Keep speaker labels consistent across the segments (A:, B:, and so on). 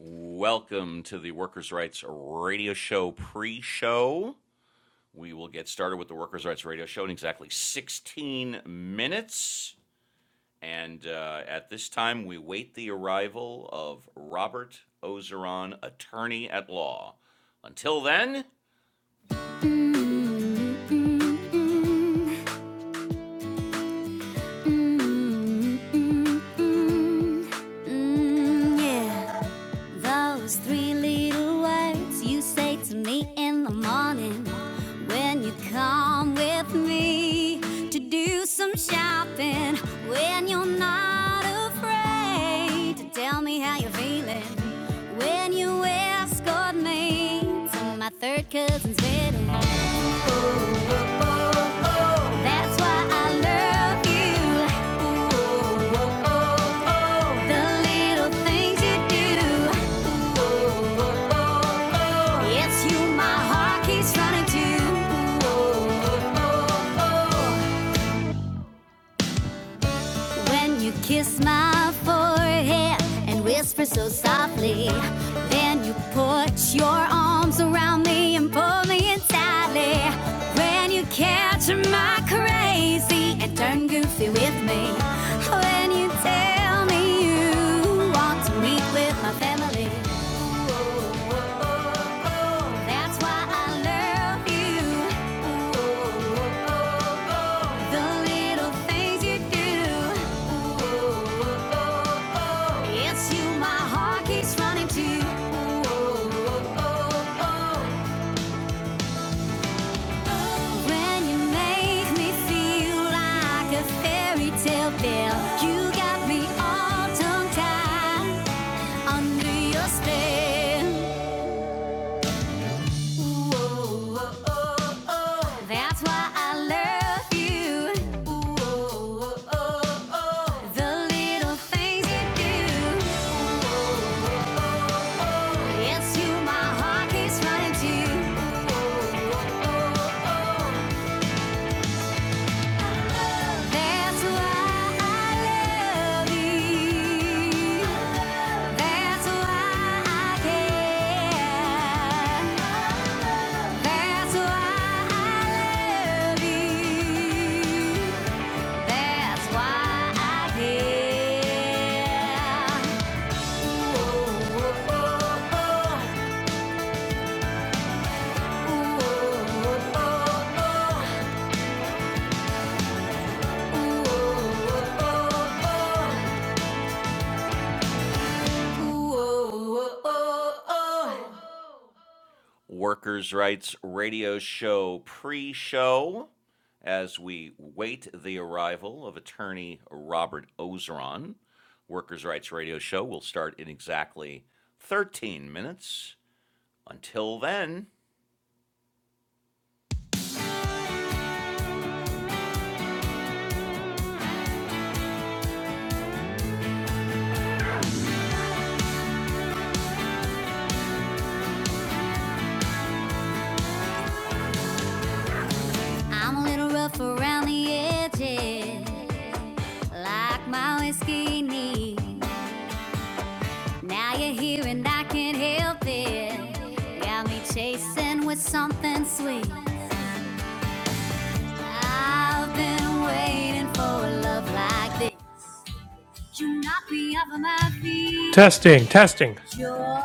A: Welcome to the Workers' Rights Radio Show pre show. We will get started with the Workers' Rights Radio Show in exactly 16 minutes. And uh, at this time, we wait the arrival of Robert Ozeron, attorney at law. Until then, Mm, mm, mm, mm, mm, mm, mm, yeah. Those three little words you say to me in the morning when you come with me to do some shopping. When you're not afraid to tell me how you're feeling. When you escort me to my third cousin's wedding. That's why I love you. The little things you do. It's you my heart keeps running to. oh, oh, oh, oh. When you kiss my forehead and whisper so softly, then you put your arms around me and pull me in tightly. When you catch my crazy and turn goofy with me, when you tell me you want to meet with my family. That's why I love you. The little things you do. It's you my heart keeps running to. When you make me feel like a fairy tale you got me all tongue tied under your spell. That's why I love you. The little things you do. It's you my heart keeps running to. That's why I love you. That's why I care. That's why I love you. That's why I care. oh, oh, oh. oh, oh, oh. oh, oh, oh. Workers' Rights Radio Show pre show as we wait the arrival of attorney Robert Ozeron. Workers' Rights Radio Show will start in exactly 13 minutes. Until then, I'm a little rough around the edges, like my whiskey needs. Now you're here and I can't help it. Got me chasing with something sweet. I've been waiting for a love like this. You knock me off of my feet.
B: Testing, testing.
A: You're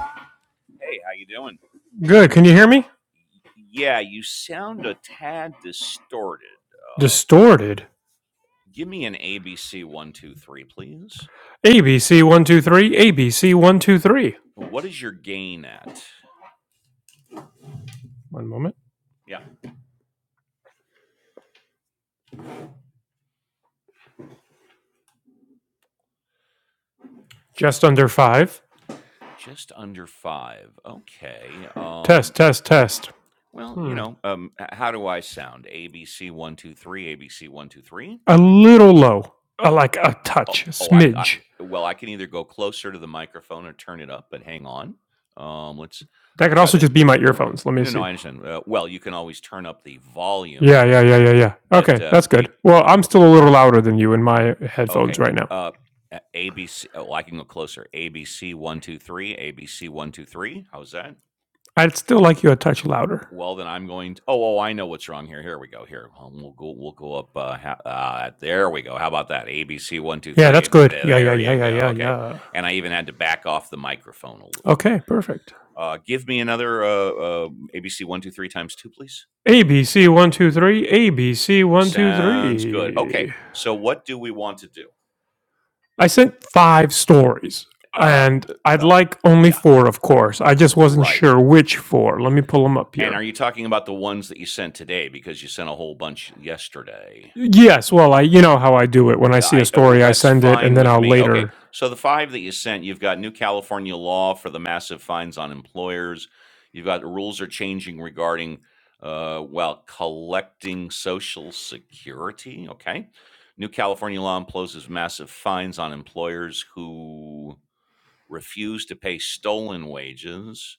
A: Hey, how you doing?
B: Good. Can you hear me?
A: Yeah, you sound a tad distorted. Uh,
B: Distorted.
A: give me an ABC one two three, please.
B: ABC123, ABC123. One two three, A B C one two three.
A: What is your gain at?
B: One moment.
A: Yeah,
B: Just under five.
A: just under five. Okay. Um,
B: Test, test, test.
A: Well, you
B: Hmm.
A: know, um, h- how do I sound? ABC one two three, ABC one two three.
B: A little low. Uh, like a
A: Oh,
B: touch, a
A: oh I, c- I-
B: smidge.
A: well, I can either go closer to the microphone or turn it up. But hang on, um, let's
B: That could
A: let's try
B: also
A: that.
B: just be my earphones. Let me
A: No, no,
B: see.
A: I understand. Uh, well, you can always turn up the volume
B: Yeah, yeah, yeah,
A: on,
B: yeah, yeah.
A: but
B: Okay, that's
A: um,
B: good.
A: a
B: Well, I'm still a little louder than you in my headphones
A: okay, yeah,
B: right now.
A: uh, ABC. Oh, I can go closer. ABC one two three, ABC one two three. How's that?
B: I'd still like you a touch louder.
A: Well, then I'm going to oh, oh, I know what's wrong here. Here we go. Here, um, we'll go. We'll go up. Uh, ha- uh, there we go. How about that? ABC one two
B: Yeah,
A: three.
B: that's
A: ABC.
B: good.
A: There
B: Yeah, yeah,
A: there
B: yeah,
A: you
B: yeah,
A: go.
B: yeah,
A: Okay.
B: yeah.
A: And I even had to back off the microphone a little.
B: Okay, perfect.
A: Uh, give me another uh, uh, ABC one two three times two, please.
B: ABC one two three, ABC one two
A: Sounds good. Okay.
B: three.
A: So what do we want to do?
B: I sent five stories,
A: Uh,
B: and I'd
A: uh,
B: like only
A: yeah.
B: four, of course. I just wasn't
A: Right.
B: sure which four. Let me pull them up
A: And
B: here.
A: are you talking about the ones that you sent today? Because you sent a whole bunch yesterday.
B: Yes, well, I you know how I do it. When I
A: Yeah,
B: see a
A: I oh, oh,
B: story, I
A: that's
B: send it, and
A: fine
B: then
A: with
B: I'll
A: me. Okay,
B: later.
A: so the five that you sent, you've got new California law for the massive fines on employers. You've got rules are changing regarding uh, while collecting Social Security. Okay, new California law imposes massive fines on employers who refuse to pay stolen wages,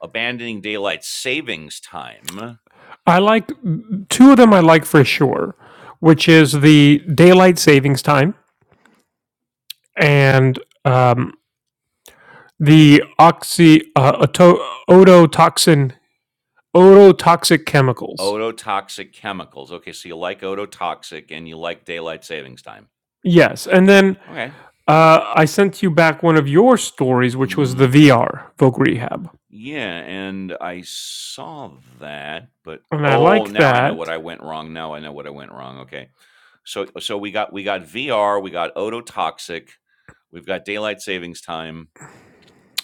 A: abandoning daylight savings time.
B: I like two of them. I like for sure, which is the daylight savings time and um, the oxy uh, ototoxin ototoxic chemicals.
A: Ototoxic chemicals. Okay, so you like ototoxic and you like daylight savings time.
B: Yes, and then
A: Okay
B: Uh, I sent you back one of your stories, which was the
A: hmm
B: VR Voc Rehab,
A: Yeah, and I saw that, but
B: and I
A: oh,
B: like
A: now I know what
B: that.
A: I went wrong. Now I know what I went wrong. Okay, so so we got we got VR, we got ototoxic, we've got daylight savings time,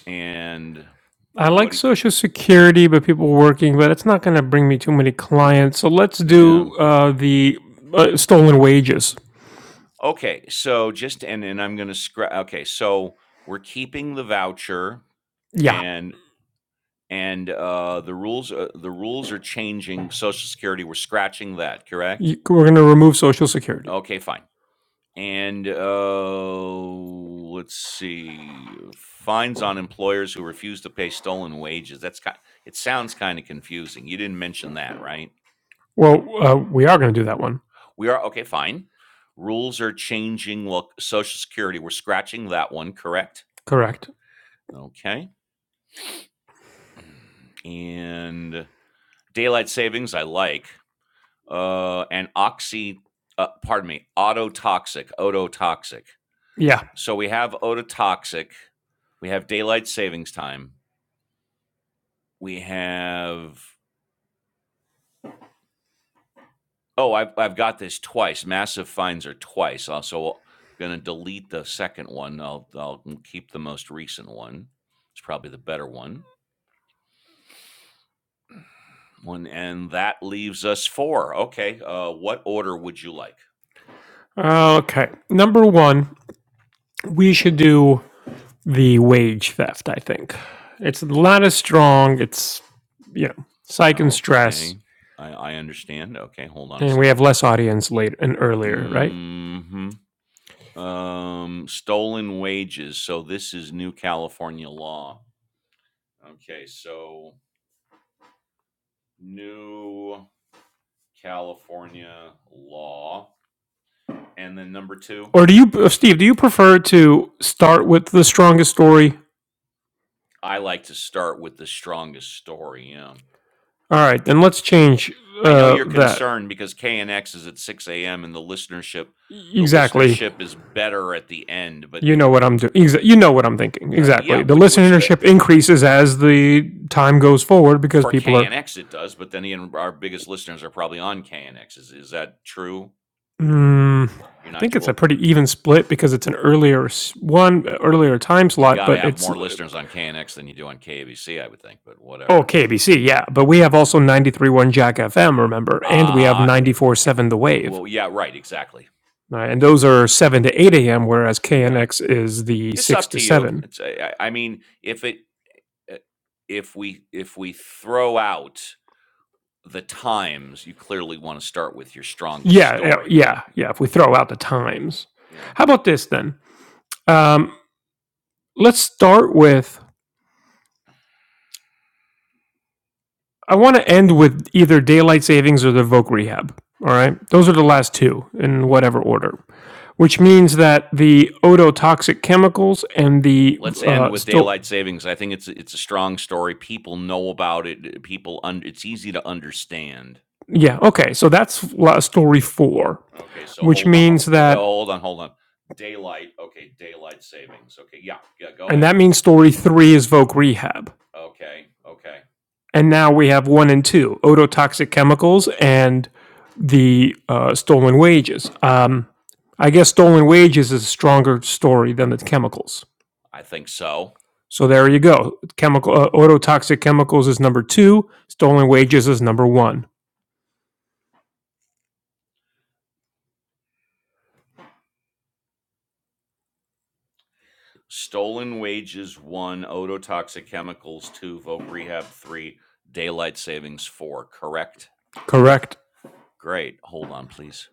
A: and
B: I
A: what?
B: like
A: do you-
B: Social Security, but people working, but it's not going to bring me too many clients. So let's
A: yeah.
B: do uh, the uh, stolen wages.
A: Okay, so just and and I'm gonna scrap. Okay, so we're keeping the voucher
B: Yeah,
A: and and uh the rules uh, the rules are changing social security we're scratching that correct
B: You- we're going to remove Social Security.
A: okay fine And uh, let's see, fines on employers who refuse to pay stolen wages. That's kind. It sounds kind of confusing. You didn't mention that, right?
B: Well, uh, we are going to do that one.
A: We are okay. Fine. Rules are changing. Well, Social Security. We're scratching that one. Correct.
B: Correct.
A: Okay. And daylight savings. I like. Uh, and oxy. Uh, pardon me. Autotoxic. Ototoxic.
B: Yeah.
A: So we have ototoxic. We have daylight savings time we have oh I've, I've got this twice massive fines are twice Uh, so i'm going to delete the second one I'll, I'll keep the most recent one it's probably the better one one and that leaves us four okay uh, what order would you like
B: Uh, Okay. Number one, we should do the wage theft. I think it's the ladder strong. It's you know psych and stress
A: okay i, I understand okay hold on a
B: and we have
A: second
B: less audience later and earlier, right?
A: hmm um stolen wages so this is new california law okay so new California law. And then number two,
B: Or do you, uh, Steve? Do you prefer to start with the strongest story?
A: I like to start with the strongest story. Yeah.
B: All right, then let's change
A: I know
B: uh,
A: you're
B: that.
A: concerned because KNX is at 6 a.m. and the listenership, the
B: Exactly.
A: listenership is better at the end. But
B: You know what
A: uh,
B: I'm doing. Exa- you know what I'm thinking.
A: uh,
B: Exactly.
A: yeah,
B: The
A: which which uh,
B: listenership increases as the time goes forward because
A: for
B: people are.
A: KNX it does. But then again, our biggest listeners are probably on KNX. Is is that true?
B: Mm,
A: You're
B: I
A: not
B: think it's a
A: well.
B: pretty even split because it's an earlier one, earlier time
A: You
B: slot,
A: got to
B: but
A: have
B: it's
A: more
B: oh
A: listeners on KNX than you do on KABC, I would think. But whatever.
B: KBC, yeah. But we have
A: Yeah.
B: also 93.1 Jack FM, remember, and we have
A: Uh eh, eh,
B: 94.7 The Wave.
A: well, yeah, right, exactly.
B: All right, and those are 7 to 8 a.m., whereas
A: Yeah.
B: KNX is the
A: It's
B: 6
A: up
B: to
A: to you.
B: 7.
A: It's I, I I mean, if it uh, if we if we throw out the times, you clearly want to start with your strongest
B: Yeah, yeah,
A: story,
B: yeah.
A: but
B: yeah, If we
A: but
B: throw out the times,
A: you know,
B: how about this then? Um, let's start with. I want to end with either daylight savings or the Voc rehab. All right, those are the last two in whatever order, which means that the ototoxic chemicals and the
A: let's end
B: uh,
A: with
B: sto-
A: daylight savings. I think it's it's a strong story. People know about it. uh, People un- it's easy to understand.
B: yeah, okay, so that's story four.
A: Okay, so
B: which
A: hold on
B: means
A: uh, uh,
B: that,
A: hold on, hold on. Daylight, okay, daylight savings. Okay, yeah, yeah, go
B: and
A: ahead.
B: that means story three is Vogue Rehab.
A: Okay, okay.
B: And now we have one and two ototoxic chemicals and the uh, stolen wages. Um, I guess stolen wages is a stronger story than the chemicals.
A: I think so.
B: So there you go. Chemical uh, ototoxic chemicals is number two. Stolen wages is number one.
A: Stolen Wages one, Ototoxic Chemicals two, Voc Rehab three, Daylight Savings four. Correct.
B: Correct.
A: Great. Hold on, please.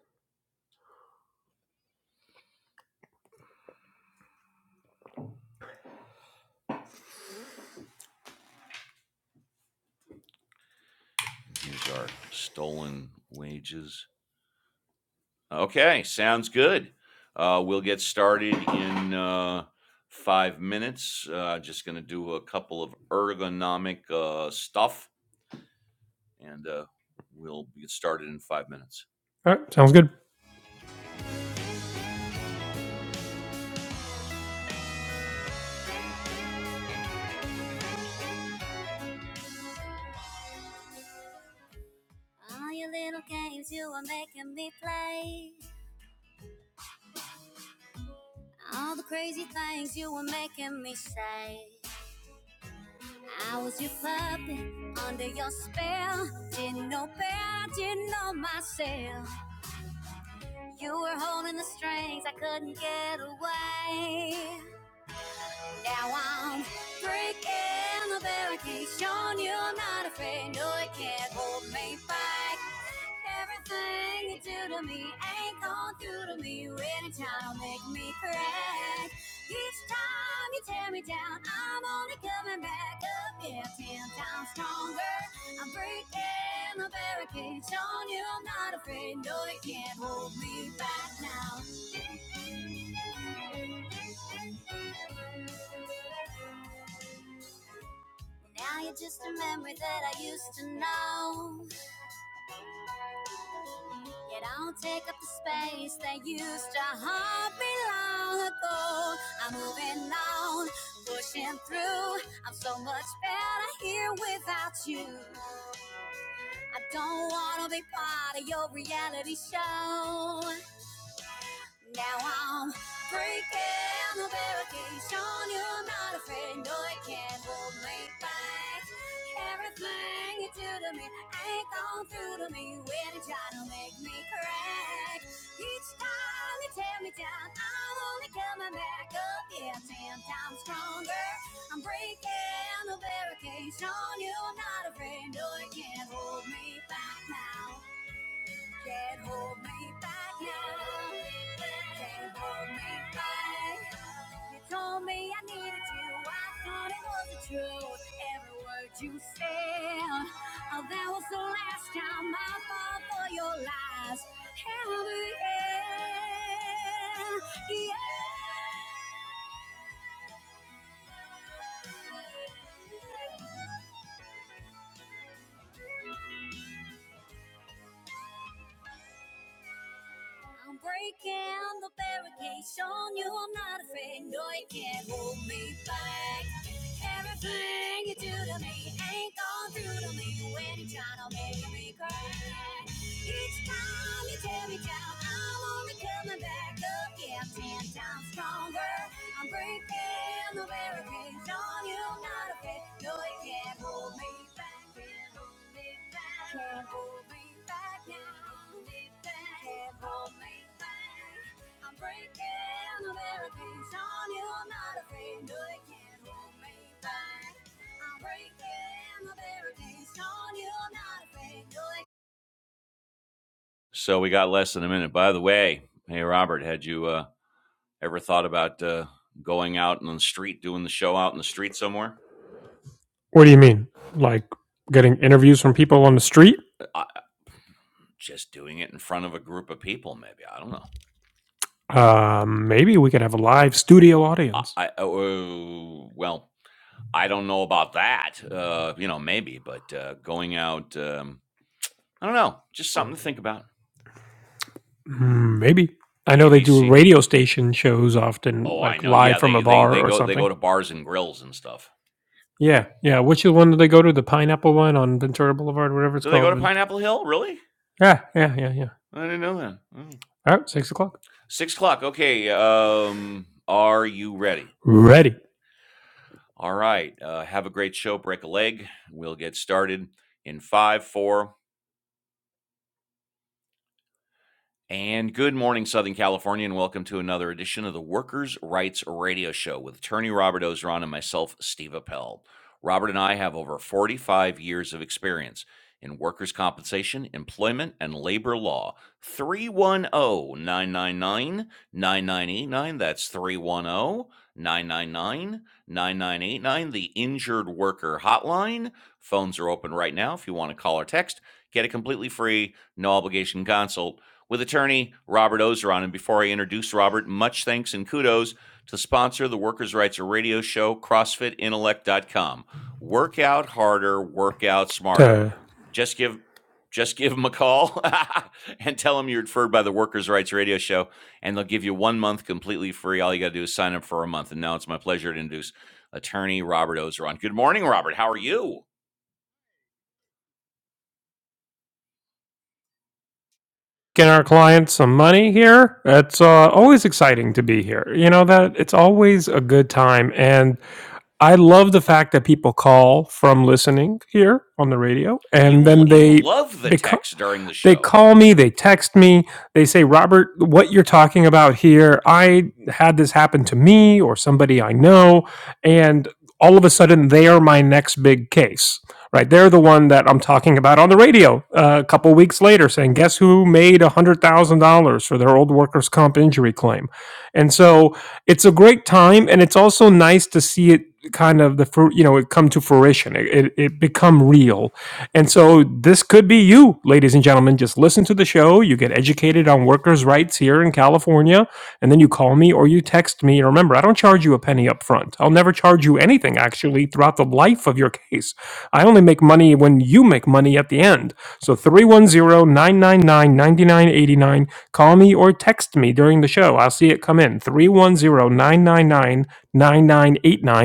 A: And here's our Stolen Wages. Okay, sounds good. Uh, we'll get started in uh, five minutes. Uh, just going to do a couple of ergonomic uh, stuff, and uh, we'll get started in five minutes.
B: All right, sounds good.
A: All your little games you are making me play. All the crazy things you were making me say. I was your puppet under your spell. Didn't know bear, didn't know myself. You were holding the strings, I couldn't get away. Now I'm breaking the barricades, showing you I'm not afraid. No, it can't hold me back. Everything you do to me ain't gone through to me. Really trying to make me crack. Each time you tear me down, I'm only coming back up here ten times stronger. I'm breaking the barricades, showing you I'm not afraid. No, you can't hold me back now. Now you're just a memory that I used to know. You don't take up the space that used to haunt me long ago. I'm moving on, pushing through. I'm so much better here without you. I don't wanna be part of your reality show. Now I'm breaking the barricades, showing you I'm not afraid. No, it can't hold me back. Everything you do to me ain't gone through to me when you try to make me crack. Each time you tear me down, I'm only coming back up. Yeah, ten times stronger. I'm breaking the barricades, showing you I'm not afraid. No, it can't hold me back now. Can't hold me back now. Can't hold me back. You told me I needed you. I thought it was the truth. Every word you said. Oh, that was the last time I fought for your lies. Held the end. Yeah. I'm breaking the barricades, showing you I'm not afraid. No, you can't hold me back. Everything you do to me ain't gone through to me when you're trying to make me cry. Each time you tear me down, I'm only coming back again. Ten times stronger. I'm breaking the barricades on you, not afraid. No, you can't hold me back. Can't hold me back. Can't hold me back. Can't hold me back. Can't hold me back. I'm breaking the barricades on you, not afraid. No, you can't hold me back. I'm breaking the barricades on you, not afraid. No, you so we got less than a minute. By the way, hey Robert, had you uh, ever thought about uh, going out on the street, doing the show out in the street somewhere?
B: What do you mean? Like getting interviews from people on the street?
A: I, just doing it in front of a group of people, maybe. I don't know.
B: Um, maybe we could have a live studio
A: I,
B: audience.
A: I oh, well, I don't know about that. Uh, you know, maybe, but uh, going out, um, I don't know. Just something to think about.
B: Mm, maybe. I know they do
A: ABC.
B: radio station shows often,
A: Oh, I
B: like
A: know.
B: live
A: Yeah,
B: from
A: they
B: a
A: they they
B: bar or
A: go they
B: something.
A: go to bars and grills and stuff.
B: Yeah, yeah. Which one do they go to? The Pineapple one on Ventura Boulevard, whatever it's
A: Do they go
B: called.
A: to
B: Vent-
A: Pineapple Hill? Really?
B: Yeah, yeah, yeah, yeah.
A: I didn't know that. Oh.
B: All right, six o'clock.
A: Six o'clock. Okay. Um, are you ready?
B: Ready
A: All right. Uh, have a great show. Break a leg. We'll get started in five, four, And good morning, Southern California, and welcome to another edition of the Workers' Rights Radio Show with attorney Robert Ozeron and myself, Steve Appel. Robert and I have over 45 years of experience in workers' compensation, employment, and labor law. 310 999 9989. That's 310 999 9989. the Injured Worker Hotline. Phones are open right now if you want to call or text. Get a completely free, no obligation consult with attorney Robert Ozeron. And before I introduce Robert, much thanks and kudos to the sponsor of the Workers' Rights Radio Show, CrossFitIntellect.com. Work out harder, work out smarter.
B: to
A: Just give just give them a call and tell them you're referred by the Workers' Rights Radio Show, and they'll give you one month completely free. All you got to do is sign up for a month. And now it's my pleasure to introduce attorney Robert Ozeron. Good morning, Robert. How are you?
B: get our clients some money here. It's uh, always exciting to be here. You know that it's always a good time, and I love the fact that people call from listening here on the radio, and
A: You
B: then
A: you
B: they
A: love the
B: become
A: text during the
B: They
A: show.
B: call me, they text me, they say, Robert, what you're talking about here, I had this happen to me or somebody I know. And all of a sudden, they are my next big case, right? They're the one that I'm talking about on the radio uh, a couple weeks later saying, guess who made $100,000 for their old workers' comp injury claim? And so it's a great time. And it's also nice to see it kind of the fruit, you know, it come to fruition, it, it, it become real and so this could be you, ladies and gentlemen. Just listen to the show. You get educated on workers' rights here in California, and then you call me or you text me. And remember, I don't charge you a penny up front. I'll never charge you anything, actually, throughout the life of your case. I only make money when you make money at the end. So three one zero nine nine nine ninety nine eighty nine. Call me or text me during the show. I'll see it come in. 310 999 9989.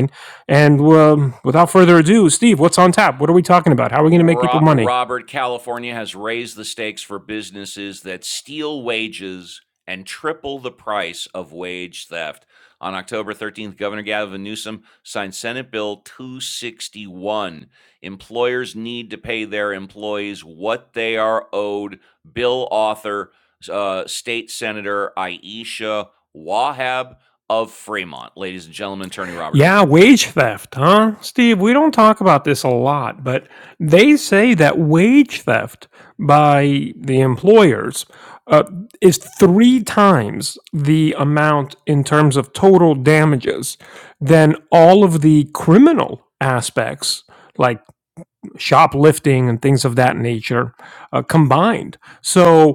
B: And um, without further ado, Steve, what's on tap? What are we talking about? How are we going to make people
A: Ro-
B: money?
A: Robert, California has raised the stakes for businesses that steal wages and triple the price of wage theft. On October 13th, Governor Gavin Newsom signed Senate Bill 261. Employers need to pay their employees what they are owed. Bill author, uh, State Senator Ayesha Wahab of Fremont. Ladies and gentlemen, Attorney Robert
B: Yeah,
A: Ozeron.
B: wage theft, huh? Steve, we don't talk about this a lot, but they say that wage theft by the employers uh, is three times the amount in terms of total damages than all of the criminal aspects, like shoplifting and things of that nature, uh, combined. So,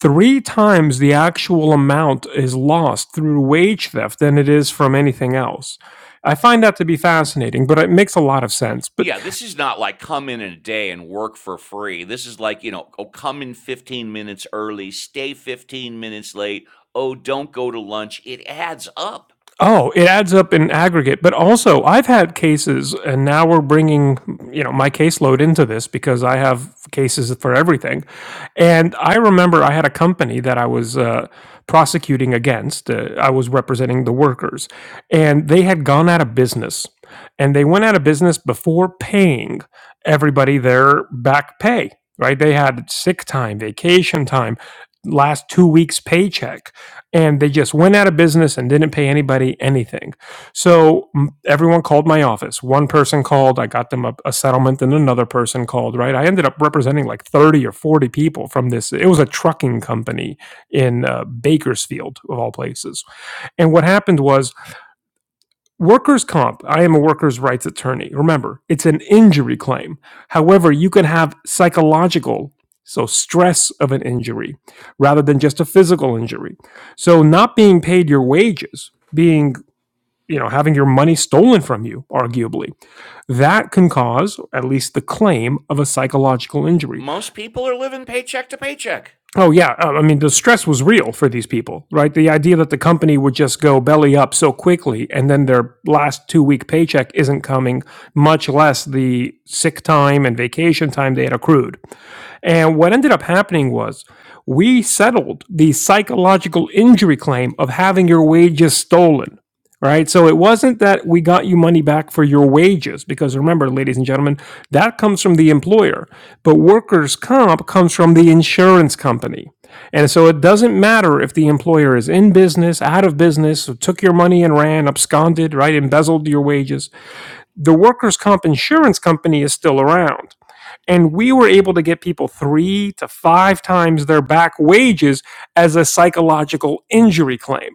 B: Three times the actual amount is lost through wage theft than it is from anything else. I find that to be fascinating, but it makes a lot of sense. But
A: Yeah, this is not like come in in a day and work for free. This is like, you know, oh, come in 15 minutes early, stay 15 minutes late. Oh, don't go to lunch. It adds up.
B: Oh, it adds up in aggregate. But also, I've had cases, and now we're bringing, you know, my caseload into this because I have cases for everything. And I remember I had a company that I was uh, prosecuting against. Uh, I was representing the workers, and they had gone out of business. And they went out of business before paying everybody their back pay, right? They had sick time, vacation time, last two weeks' paycheck and they just went out of business and didn't pay anybody anything. So everyone called my office. One person called, I got them a, a settlement, and another person called, right? I ended up representing like 30 or 40 people from this. It was a trucking company in uh, Bakersfield, of all places. And what happened was, Workers' comp, I am a workers' rights attorney. Remember, it's an injury claim. However, you can have psychological, so stress of an injury, rather than just a physical injury. So, not being paid your wages, being, you know, having your money stolen from you, arguably, that can cause at least the claim of a psychological injury.
A: Most people are living paycheck to paycheck.
B: Oh yeah, Uh, I mean the stress was real for these people, right? The idea that the company would just go belly up so quickly and then their last 2 week paycheck isn't coming, much less the sick time and vacation time they had accrued. And what ended up happening was we settled the psychological injury claim of having your wages stolen, right? So it wasn't that we got you money back for your wages, because remember, ladies and gentlemen, that comes from the employer. But workers' comp comes from the insurance company. And so it doesn't matter if the employer is in business, out of business, so took your money and ran, absconded, right, embezzled your wages. The workers' comp insurance company is still around and we were able to get people three to five times their back wages as a psychological injury claim.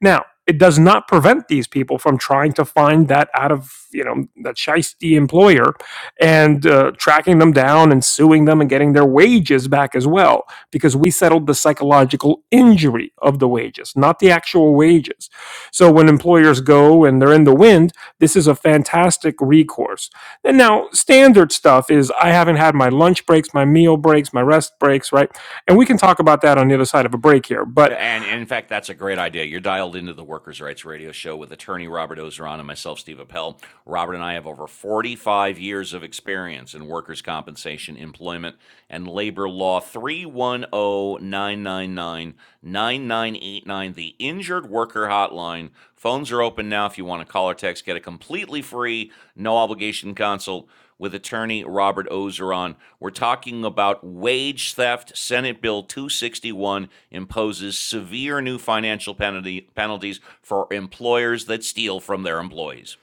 B: Now, it does not prevent these people from trying to find that out of you know that shiesty employer and uh, tracking them down and suing them and getting their wages back as well because we settled the psychological injury of the wages not the actual wages so when employers go and they're in the wind this is a fantastic recourse and now standard stuff is I haven't had my lunch breaks, my meal breaks, my rest breaks, right? And we can talk about that on the other side of a break here. But
A: And, and in fact, that's a great idea. You're dialed into the Workers' Rights Radio Show with attorney Robert Ozeron and myself, Steve Appel. Robert and I have over 45 years of experience in workers' compensation, employment, and labor law. Three one o 999 9989. the Injured Worker Hotline. Phones are open now if you want to call or text. Get a completely free, no obligation consult with attorney Robert Ozeron. We're talking about wage theft, Senate Bill 261 imposes severe new financial penalty penalties for employers that steal from their employees.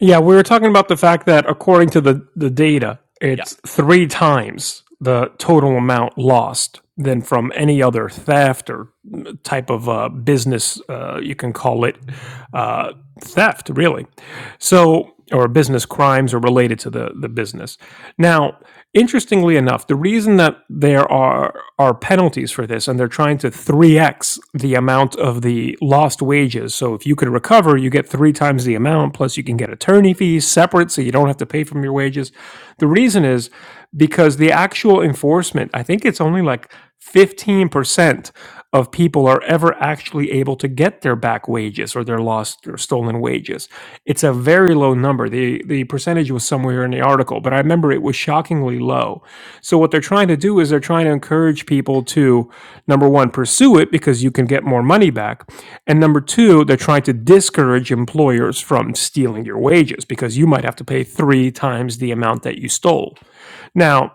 B: yeah, we were talking about the fact that according to the, the data,
A: Yeah.
B: it's three times the total amount lost than from any other theft or type of uh, business, uh, you can call it uh, theft, really. So or business crimes are related to the, the business. Now, interestingly enough, the reason that there are are penalties for this and they're trying to 3x the amount of the lost wages. So if you can recover, you get three times the amount, plus you can get attorney fees separate so you don't have to pay from your wages. The reason is because the actual enforcement, I think it's only like 15% of people are ever actually able to get their back wages or their lost or stolen wages. It's a very low number. The the percentage was somewhere in the article, but I remember it was shockingly low. So what they're trying to do is they're trying to encourage people to number 1 pursue it because you can get more money back, and number 2 they're trying to discourage employers from stealing your wages because you might have to pay 3 times the amount that you stole. Now,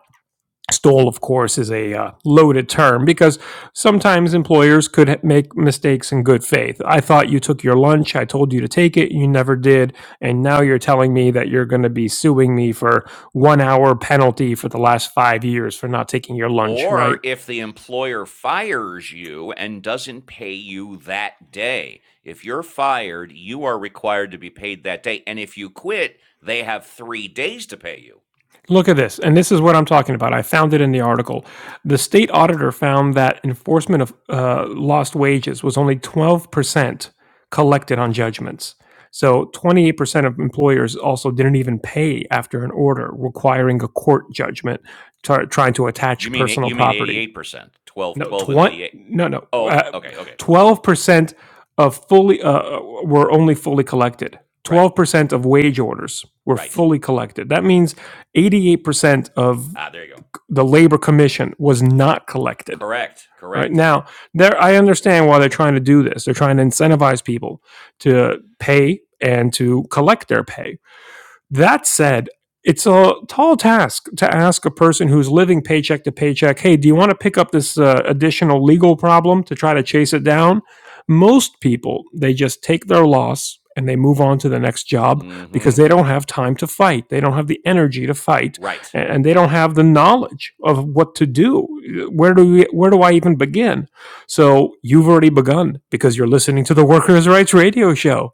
B: Stole, of course, is a uh, loaded term because sometimes employers could ha- make mistakes in good faith. I thought you took your lunch. I told you to take it. You never did. And now you're telling me that you're going to be suing me for one hour penalty for the last five years for not taking your lunch, right?
A: Or if the employer fires you and doesn't pay you that day. If you're fired, you are required to be paid that day. And if you quit, they have 3 days to pay you.
B: Look at this, and this is what I'm talking about. I found it in the article. The state auditor found that enforcement of uh, lost wages was only 12% collected on judgments. So 28% of employers also didn't even pay after an order requiring a court judgment, try trying to
A: You
B: attach
A: mean
B: personal
A: you mean
B: property.
A: 88%, 12,
B: No,
A: 12, and
B: twenty.
A: 88.
B: No, no.
A: Oh, okay.
B: uh,
A: Okay. Okay.
B: Twelve percent of fully uh, were only fully collected.
A: Right.
B: Twelve percent of wage orders were
A: Right.
B: fully collected. That means eighty-eight percent of
A: Ah, there you go.
B: the labor commission was not collected.
A: Correct.
B: Right
A: Correct.
B: now, there I understand why they're trying to do this. They're trying to incentivize people to pay and to collect their pay that said, it's a tall task to ask a person who's living paycheck to paycheck, hey, do you want to pick up this uh, additional legal problem to try to chase it down? Most people, they just take their loss and they move on to the next job
A: mm
B: because they
A: Mhm.
B: don't have time to fight. They don't have the energy to fight
A: Right.
B: and and they don't have the knowledge of what to do. Where do we, where do I even begin? So you've already begun because you're listening to the Workers' Rights Radio Show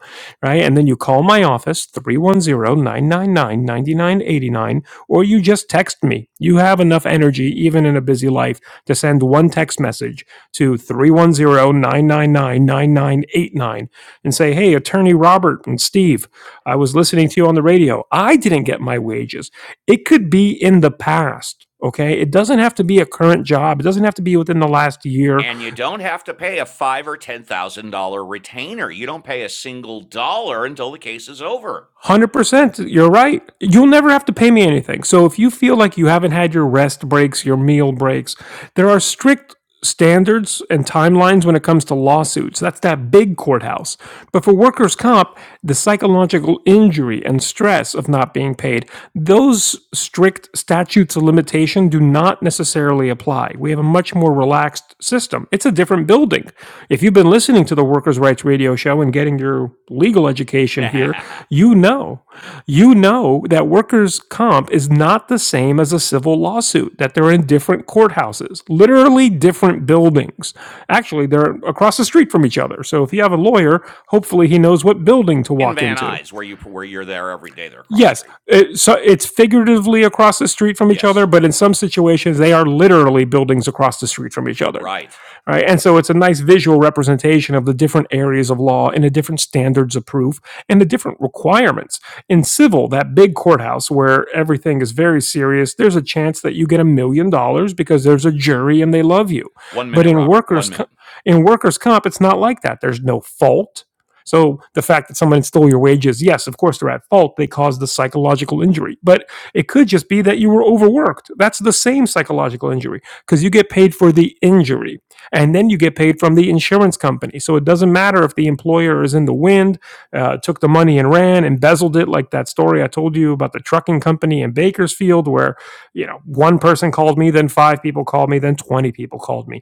B: right? And then you call my office, three one zero nine nine nine ninety nine eighty nine, or you just text me. You have enough energy, even in a busy life, to send one text message to 310 999 9989, and say, Hey, attorney Robert and Steve, I was listening to you on the radio. I didn't get my wages. It could be in the past. Okay. It doesn't have to be a current job. It doesn't have to be within the last year
A: and you don't have to pay a five or ten thousand dollar retainer. You don't pay a single dollar until the case is over.
B: one Hundred percent, you're right. You'll never have to pay me anything. So if you feel like you haven't had your rest breaks, your meal breaks, there are strict standards and timelines when it comes to lawsuits. That's that big courthouse. But for workers' comp, the psychological injury and stress of not being paid, those strict statutes of limitation do not necessarily apply. We have a much more relaxed system. It's a different building. If you've been listening to the world workers' rights radio show and getting your legal education here,
A: In
B: you know, you know that workers' comp is not the same as a civil lawsuit, that they're in different courthouses, literally different buildings. Actually, they're across the street from each other. So if you have a lawyer, hopefully he knows what building to walk
A: Van
B: into.
A: Nuys, where you where you're there every day, they're across the
B: Yes,
A: street.
B: it, so it's figuratively across the street from each other,
A: Yes,
B: but in some situations they are literally buildings across the street from each other
A: right.
B: right? And so it's a nice visual representation of the different areas of law and the different standards of proof and the different requirements. In civil, that big courthouse where everything is very serious, there's a chance that you get a million dollars because there's a jury and they love you.
A: One
B: But
A: minute,
B: in
A: Robert. One
B: workers
A: minute.
B: in workers comp, it's not like that. There's no fault. So the fact that someone stole your wages, yes, of course they're at fault. They caused the psychological injury, but it could just be that you were overworked. That's the same psychological injury because you get paid for the injury and then you get paid from the insurance company. So it doesn't matter if the employer is in the wind, uh, took the money and ran, embezzled it, like that story I told you about the trucking company in Bakersfield, where you know one person called me, then five people called me, then twenty people called me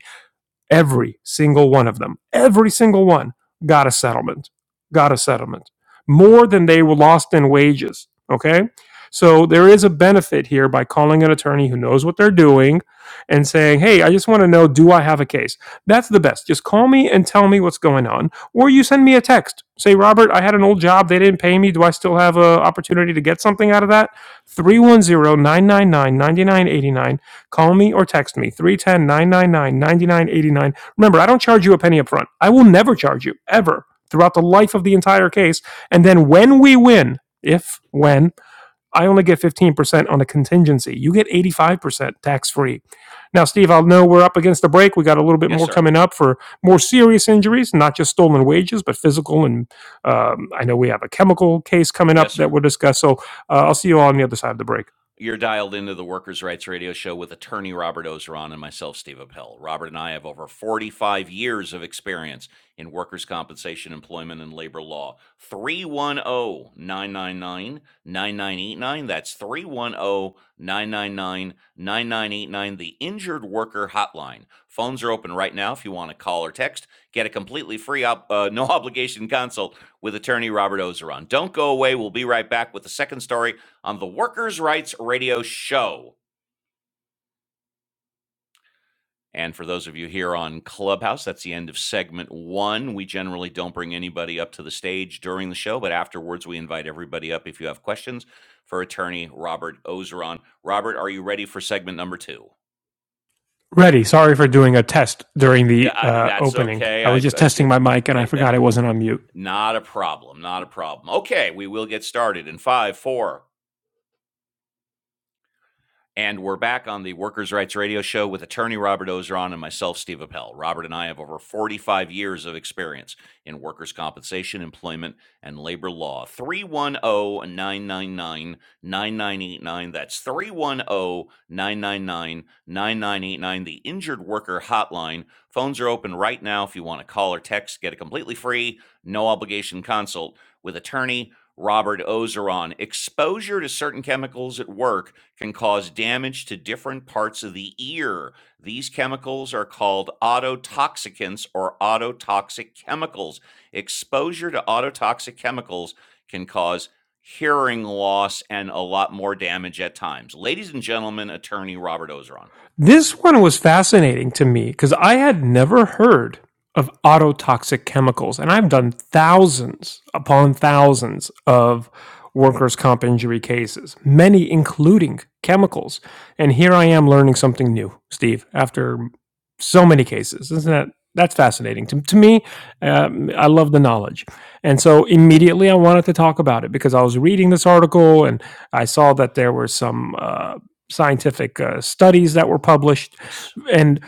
B: Every single one of them, every single one got a settlement, got a settlement, more than they were lost in wages. Okay. So there is a benefit here by calling an attorney who knows what they're doing and saying, Hey, I just want to know, do I have a case? That's the best. Just call me and tell me what's going on. Or you send me a text. Say, Robert, I had an old job. They didn't pay me. Do I still have an opportunity to get something out of that? Three one zero nine nine nine ninety nine eighty nine. Call me or text me three ten nine nine nine ninety nine eighty nine. Remember, I don't charge you a penny up front. I will never charge you, ever, throughout the life of the entire case. And then when we win, if, when, I only get 15% on a contingency. You get 85% tax free. Now, Steve, I'll know we're up against the break. We got a little bit
A: Yes,
B: more
A: sir.
B: coming up for more serious injuries, not just stolen wages, but physical. And um, I know we have a chemical case coming up
A: Yes,
B: that
A: sir.
B: we'll discuss. So uh, I'll see you all on the other side of the break.
A: You're dialed into the Workers' Rights Radio Show with attorney Robert Ozeron and myself, Steve Appel. Robert and I have over 45 years of experience in workers' compensation, employment, and labor law. 310 999 9989. That's 310 999 9989. the Injured Worker Hotline. Phones are open right now if you want to call or text. Get a completely free, op- uh, no obligation consult with attorney Robert Ozeron. Don't go away. We'll be right back with the second story on the Workers' Rights Radio Show. And for those of you here on Clubhouse, that's the end of segment one. We generally don't bring anybody up to the stage during the show, but afterwards we invite everybody up if you have questions for attorney Robert Ozeron. Robert, are you ready for segment number two?
B: Ready. Sorry for doing a test during
A: Yeah,
B: the
A: I,
B: uh,
A: that's
B: opening.
A: okay.
B: I
A: I,
B: was just
A: I,
B: testing
A: it,
B: my mic and I
A: I,
B: forgot
A: I,
B: it wasn't on mute.
A: not a problem. Not a problem. Okay, we will get started in five, four, And we're back on the Workers' Rights Radio Show with attorney Robert Ozeron and myself, Steve Appel. Robert and I have over 45 years of experience in workers' compensation, employment, and labor law. 310 999 9989. That's 310 999 9989. the Injured Worker Hotline. Phones are open right now if you want to call or text, get a completely free, no obligation consult with attorney Robert Ozeron. Exposure to certain chemicals at work can cause damage to different parts of the ear. These chemicals are called autotoxicants or autotoxic chemicals. Exposure to autotoxic chemicals can cause hearing loss and a lot more damage at times. Ladies and gentlemen, attorney Robert Ozeron.
B: This one was fascinating to me because I had never heard of autotoxic chemicals, and I've done thousands upon thousands of workers' comp injury cases, many including chemicals. And here I am learning something new, Steve, after so many cases. Isn't that? That's fascinating to, to me. Um, I love the knowledge. And so immediately I wanted to talk about it because I was reading this article and I saw that there were some. Uh, scientific uh, studies that were published.
A: Yes.
B: And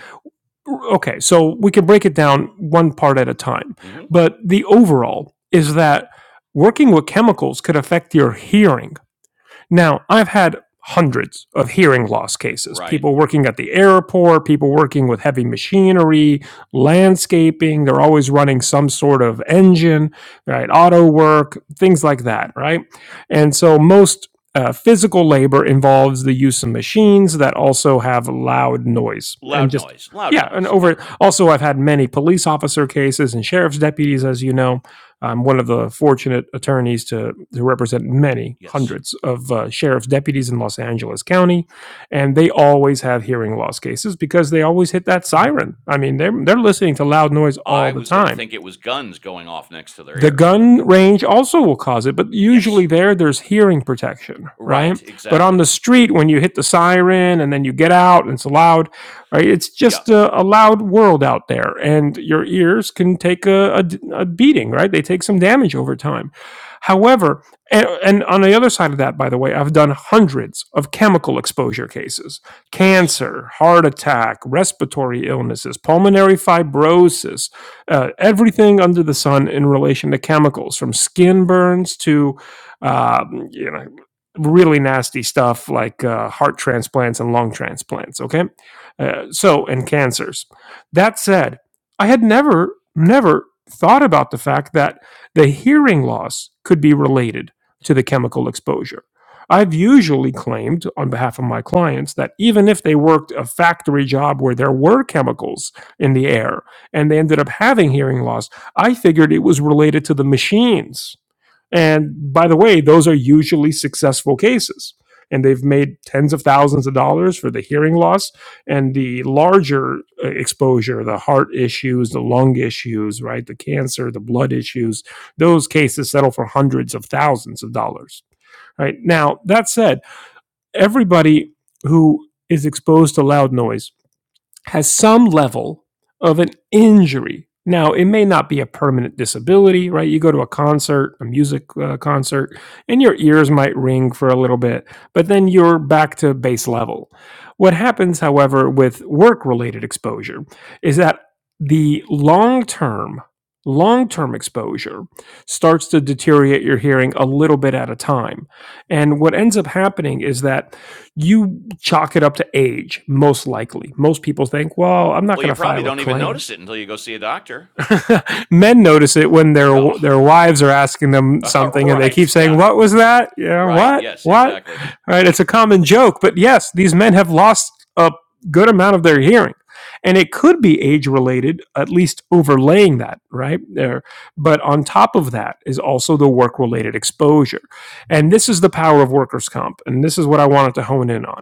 B: okay, so we can break it down one part at a time.
A: hmm
B: But the overall is that working with chemicals could affect your hearing now, I've had hundreds of hearing loss cases
A: Right.
B: people working at the airport, people working with heavy machinery, landscaping. They're always running some sort of engine, right? Auto work, things like that, right? And so most. Uh, physical labor involves the use of machines that also have loud noise and
A: Loud
B: just
A: noise. Loud
B: yeah and
A: noise. Yeah.
B: over also i've had many police officer cases and sheriff's deputies as you know I'm one of the fortunate attorneys to, to represent many
A: Yes.
B: hundreds of uh, sheriff's deputies in Los Angeles County, and they always have hearing loss cases because they always hit that siren. I mean, they're they're listening to loud noise all
A: I
B: the
A: was going to
B: time
A: think it was guns going off next to their
B: the
A: ear.
B: gun range also will cause it, but
A: Yes.
B: usually there there's hearing protection, right?
A: Right.
B: But on
A: Exactly.
B: the street, when you hit the siren and then you get out and it's loud, right? It's
A: Yeah.
B: just a, a loud world out there, and your ears can take a a, a beating, right? They take some damage over time. However, and, and on the other side of that, by the way, I've done hundreds of chemical exposure cases:
A: Yes.
B: cancer, heart attack, respiratory illnesses, pulmonary fibrosis uh, everything under the sun in relation to chemicals, from skin burns to, um, you know, really nasty stuff like uh, heart transplants and lung transplants. Okay, uh, so and cancers. That said, I had never, never thought about the fact that the hearing loss could be related to the chemical exposure. I've usually claimed on behalf of my clients that even if they worked a factory job where there were chemicals in the air, and they ended up having hearing loss. I figured it was related to the machines. And by the way, those are usually successful cases. And they've made tens of thousands of dollars for the hearing loss and the larger uh, exposure, the heart issues, the lung issues, right? The cancer, the blood issues, those cases settle for hundreds of thousands of dollars, right? Now, that said, everybody who is exposed to loud noise has some level of an injury. Now, it may not be a permanent disability, right? You go to a concert, a music uh, concert, and your ears might ring for a little bit, but then you're back to base level. What happens, however, with work related exposure is that the long term, long term exposure starts to deteriorate your hearing a little bit at a time. And what ends up happening is that you chalk it up to age, most likely. Most people think, "Well, I'm not
A: Well, you
B: going to
A: probably
B: file a
A: don't even
B: claim."
A: notice it until you go see a doctor.
B: Men notice it when their their
A: Oh,
B: wives are asking them something, and they keep
A: right.
B: saying,
A: Yeah.
B: "What was that? Yeah,
A: Right.
B: what,
A: Yes,
B: what?"
A: exactly.
B: All Right? It's a common joke, but yes, these men have lost a good amount of their hearing, and it could be age related. At least overlaying that, right there. But on top of that is also the work related exposure, and this is the power of workers' comp, and this is what I wanted to hone in on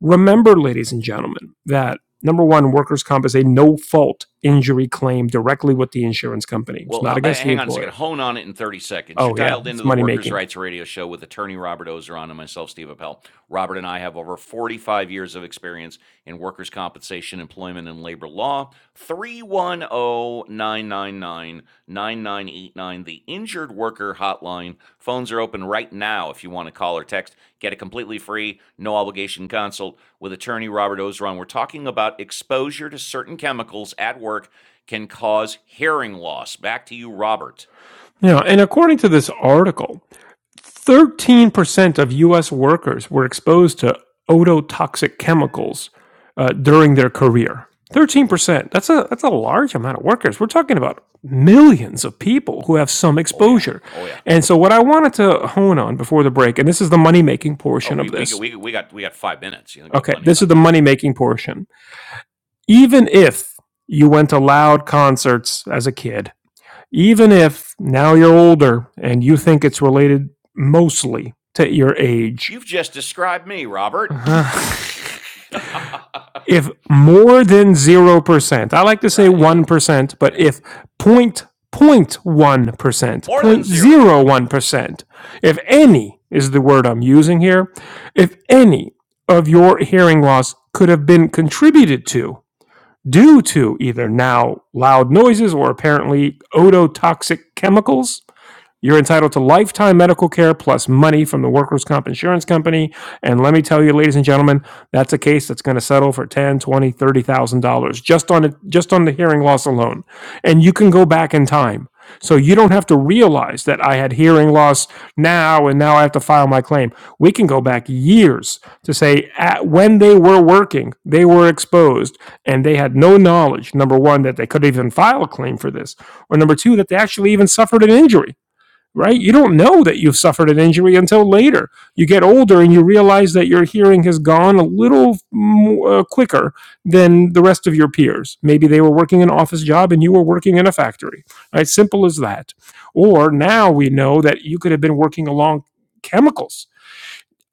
B: Remember, ladies and gentlemen, that number one, workers' comp is a no fault injury claim directly with the insurance company. It's not
A: Well,
B: against the
A: hang on a second.
B: employer.
A: Hone on it in 30 seconds. You're
B: Oh, yeah,
A: dialed into
B: it's
A: the
B: money
A: Workers'
B: making.
A: Rights Radio Show with attorney Robert Ozeron and myself, Steve Appel. Robert and I have over 45 years of experience in workers' compensation, employment, and labor law. Three one o 999 9989. the Injured Worker Hotline. Phones are open right now if you want to call or text. Get a completely free, no obligation consult with attorney Robert Ozeron. We're talking about exposure to certain chemicals at work can cause hearing loss. Back to you, Robert.
B: Yeah, and according to this article, Thirteen percent of U.S. workers were exposed to ototoxic chemicals uh, during their career. Thirteen percent. That's a that's a large amount of workers. We're talking about millions of people who have some
A: Oh yeah.
B: exposure.
A: Oh yeah.
B: And so, what I wanted to hone on before the break, and this is the money making
A: Oh,
B: portion
A: we
B: of
A: we
B: this.
A: we, we got we got five minutes. You got
B: Okay,
A: plenty of
B: this is
A: time.
B: the
A: Yeah.
B: money making portion. Even if you went to loud concerts as a kid, even if now you're older and you think it's related mostly to your age
A: You've just described me, Robert.
B: Uh-huh. If more than 0%, I like to say
A: right. Yeah.
B: 1%, but
A: Yeah.
B: if zero point one percent, zero
A: More than
B: point
A: zero.
B: zero one percent 0.01%, if any is the word I'm using here, if any of your hearing loss could have been contributed to due to either now loud noises or apparently ototoxic chemicals, you're entitled to lifetime medical care plus money from the workers' comp insurance company. And let me tell you, ladies and gentlemen, that's a case that's going to settle for ten, twenty, thirty thousand dollars just on it, just on the hearing loss alone. And you can go back in time. So you don't have to realize that I had hearing loss now and now I have to file my claim. We can go back years to say at, when they were working, they were exposed and they had no knowledge, number one, that they could even file a claim for this, or number two, that they actually even suffered an injury right? You don't know that you've suffered an injury until later. You get older and you realize that your hearing has gone a little mo- uh, quicker than the rest of your peers. Maybe they were working an office job and you were working in a factory, right? Simple as that. Or now we know that you could have been working along chemicals.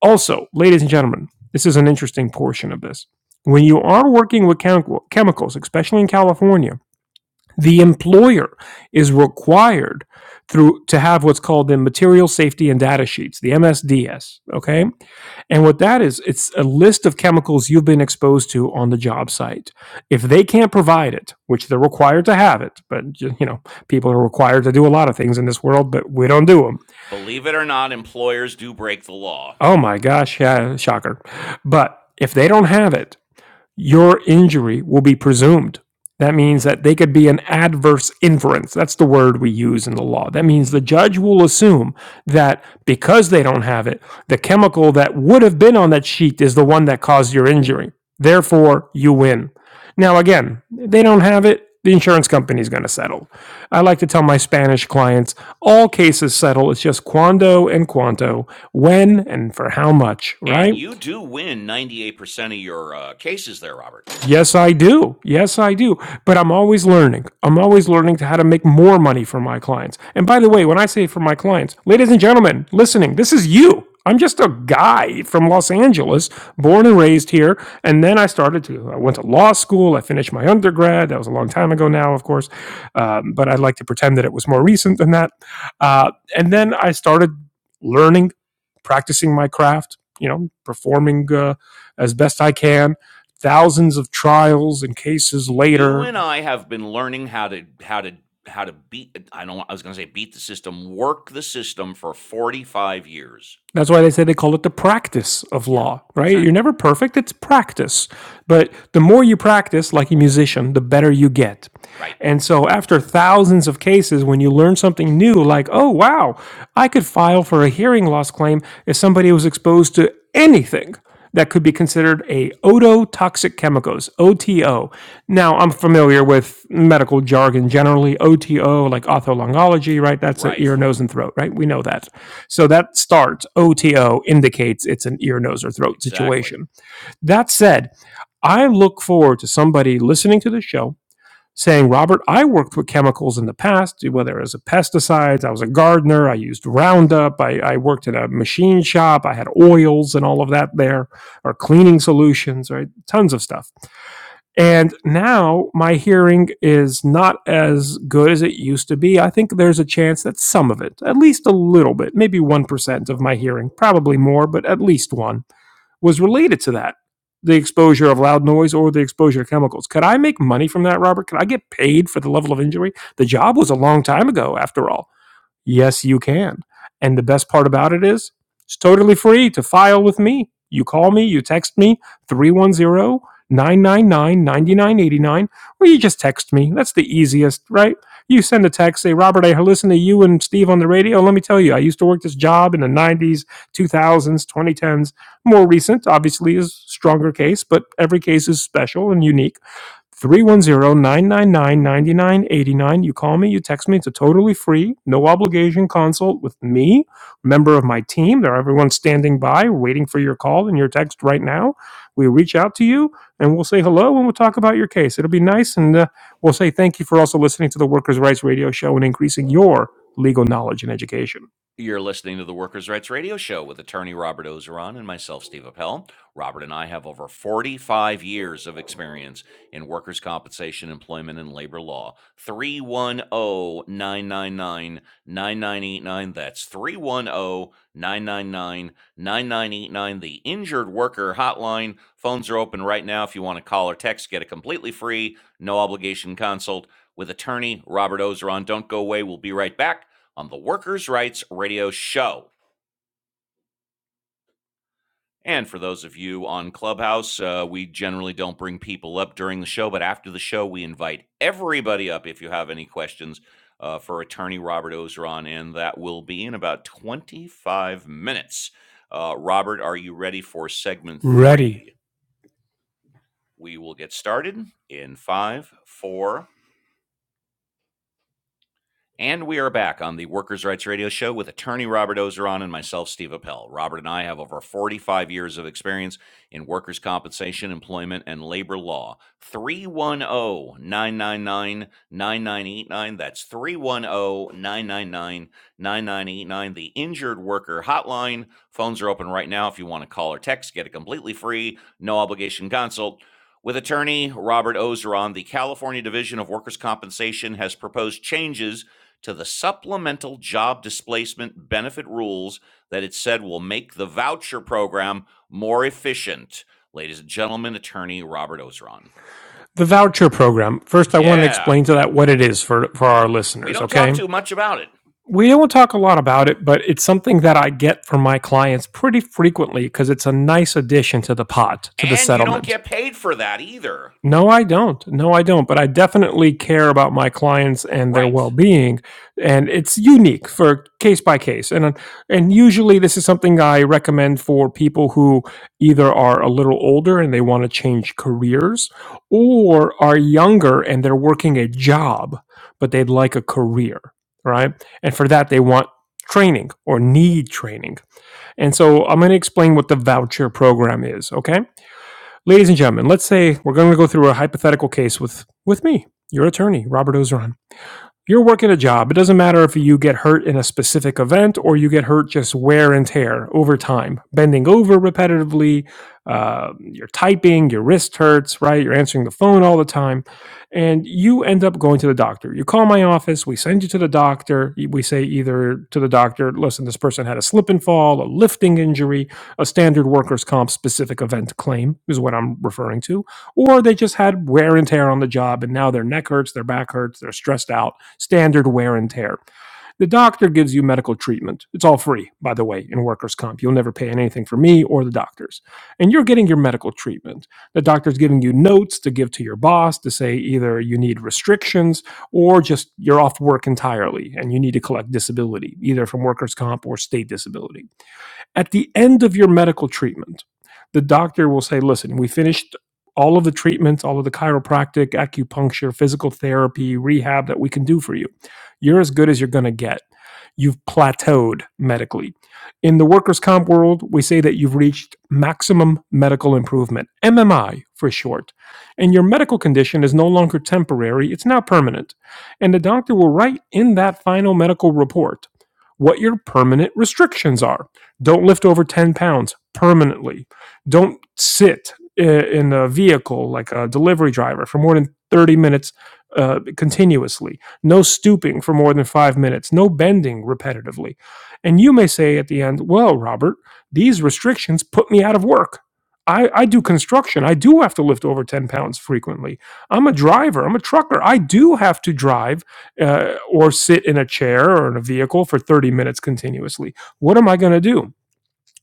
B: Also, ladies and gentlemen, this is an interesting portion of this. When you are working with chemi- chemicals, especially in California, the employer is required through to have what's called the material safety and data sheets, the MSDS. Okay. And what that is, it's a list of chemicals you've been exposed to on the job site. If they can't provide it, which they're required to have it, but you know, people are required to do a lot of things in this world, but we don't do them.
A: Believe it or not, employers do break the law.
B: Oh my gosh, yeah, shocker. But if they don't have it, your injury will be presumed. That means
A: Mm-hmm.
B: that they could be an adverse inference. That's the word we use in the law. That means the
A: Mm-hmm.
B: judge will assume that because they don't have it, the chemical that would have been on that sheet is the one that caused your injury. Therefore, you win. Now, again, they don't have it. The insurance company is going to settle. I like to tell my Spanish clients all cases settle. It's just cuando and cuanto, when and for how much, right?
A: And you do win 98% of your uh, cases there, Robert.
B: Yes, I do. Yes, I do. But I'm always learning. I'm always learning to how to make more money for my clients. And by the way, when I say for my clients, ladies and gentlemen listening, this is you. I'm just a guy from Los Angeles, born and raised here. And then I started to, I went to law school. I finished my undergrad. That was a long time ago now, of course. Um, but I'd like to pretend that it was more recent than that. Uh, and then I started learning, practicing my craft, you know, performing uh, as best I can Thousands of trials and cases
A: You
B: later
A: and I have been learning how to how to how to beat I don't I was going to say beat the system, work the system for 45 years.
B: That's why they say they call it the practice of
A: Yeah,
B: law, right? You're
A: exactly.
B: never perfect, it's practice. But the more you practice, like a musician, the better you get.
A: Right.
B: And so, after thousands of cases, when you learn something new, like, oh, wow, I could file for a hearing loss claim if somebody was exposed to anything that could be considered a ototoxic chemicals OTO. Now I'm familiar with medical jargon generally OTO like otholongology, right? That's a
A: Right.
B: ear, nose and throat, right? We know that. So that starts OTO indicates it's an ear, nose, or throat
A: Exactly.
B: situation. That said, I look forward to somebody listening to the show saying, Robert, I worked with chemicals in the past, whether it was a pesticides, I was a gardener, I used Roundup, I, I worked in a machine shop, I had oils and all of that there, or cleaning solutions, right? Tons of stuff. And now my hearing is not as good as it used to be. I think there's a chance that some of it, at least a little bit, maybe 1% of my hearing, probably more, but at least one, was related to that the exposure of loud noise or the exposure to chemicals. Could I make money from that, Robert? Could I get paid for the level of injury? The job was a long time ago, after all. Yes, you can. And the best part about it is it's totally free to file with me. You call me, you text me, three one zero nine nine nine ninety nine eighty nine. or you just text me. That's the easiest, right? You send a text, say, Robert, I listen to you and Steve on the radio. Let me tell you, I used to work this job in the 90s, 2000s, 2010s. More recent, obviously, is stronger case, but every case is special and unique Three one zero nine nine nine ninety nine eighty nine. You call me, you text me. It's a totally free, no obligation consult with me, member of my team. There are everyone standing by waiting for your call and your text right now. We reach out to you and we'll say hello and we'll talk about your case. It'll be nice and uh, we'll say thank you for also listening to the Workers' Rights Radio Show and increasing your legal knowledge and education.
A: You're listening to the Workers' Rights Radio Show with attorney Robert Ozeron and myself, Steve Appel. Robert and I have over 45 years of experience in workers' compensation, employment, and labor law. Three one o 999 9989. That's three one o 999 9989. The Injured Worker Hotline. Phones are open right now if you want to call or text. Get a completely free, no obligation consult with attorney Robert Ozeron. Don't go away. We'll be right back on the Workers' Rights Radio Show. And for those of you on Clubhouse, uh, we generally don't bring people up during the show, but after the show, we invite everybody up if you have any questions uh, for attorney Robert Ozeron, and that will be in about 25 minutes. Uh, Robert, are you ready for segment
B: Ready.
A: three? We will get started in five, four, And we are back on the Workers' Rights Radio Show with attorney Robert Ozeron and myself, Steve Appel. Robert and I have over 45 years of experience in workers' compensation, employment, and labor law. 310 999 9989. That's 310 999 9989. The Injured Worker Hotline. Phones are open right now if you want to call or text. Get a completely free, no obligation consult. With attorney Robert Ozeron, the California Division of Workers' Compensation has proposed changes to the supplemental job displacement benefit rules that it said will make the voucher program more efficient. Ladies and gentlemen, attorney Robert Ozeron.
B: The voucher program. First, I want to
A: Yeah,
B: explain to that what it is for, for our
A: we
B: listeners,
A: don't talk
B: okay?
A: too much about it.
B: we don't talk a lot about it, but it's something that I get from my clients pretty frequently because it's a nice addition to the pot, to the
A: And you don't
B: settlement.
A: get paid for that either.
B: No, I don't. No, I don't. But I definitely care about my clients and their
A: Right.
B: well-being, and it's unique for case by case. And and usually this is something I recommend for people who either are a little older and they want to change careers, or are younger and they're working a job but they'd like a career, right? And for that they want training or need training. And so I'm going to explain what the voucher program is, okay? Ladies and gentlemen, let's say we're going to go through a hypothetical case with with me, your attorney, Robert Ozeron you're working a job. It doesn't matter if you get hurt in a specific event or you get hurt just wear and tear over time, bending over repetitively. Uh, you're typing, your wrist hurts, right? You're answering the phone all the time. And you end up going to the doctor. You call my office, we send you to the doctor. We say either to the doctor, listen, this person had a slip and fall, a lifting injury, a standard workers' comp specific event claim is what I'm referring to, or they just had wear and tear on the job and now their neck hurts, their back hurts, they're stressed out standard wear and tear. The doctor gives you medical treatment. It's all free, by the way, in workers' comp. You'll never pay anything for me or the doctors. And you're getting your medical treatment. The doctor's giving you notes to give to your boss to say either you need restrictions or just you're off work entirely and you need to collect disability, either from workers' comp or state disability at the end of your medical treatment, the doctor will say, listen, we finished all of the treatments, all of the chiropractic, acupuncture, physical therapy, rehab that we can do for you. You're as good as you're going to get. You've plateaued medically. In the workers' comp world, we say that you've reached maximum medical improvement, MMI for short. And your medical condition is no longer temporary, it's now permanent. And the doctor will write in that final medical report what your permanent restrictions are don't lift over 10 pounds permanently. Don't sit in a vehicle like a delivery driver for more than 30 minutes uh, continuously. No stooping for more than five minutes. No bending repetitively. And you may say at the end, well, Robert, these restrictions put me out of work. I, I do construction. I do have to lift over 10 pounds frequently. I'm a driver. I'm a trucker. I do have to drive uh, or sit in a chair or in a vehicle for 30 minutes continuously. What am I going to do?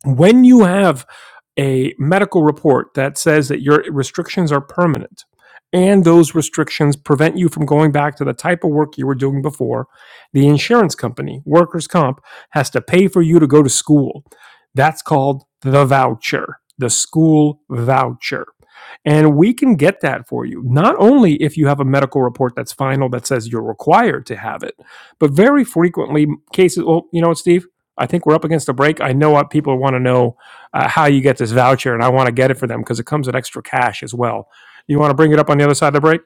B: when you have a medical report that says that your restrictions are permanent and those restrictions prevent you from going back to the type of work you were doing before, the insurance company, workers' comp, has to pay for you to go to school. That's called the voucher, the school voucher. And we can get that for you, not only if you have a medical report that's final that says you're required to have it, but very frequently cases. Well, you know what, Steve? I think we're up against a break. I know what people want to know uh, how you get this voucher, and I want to get it for them because it comes with extra cash as well. You want to bring it up on the other side of the break?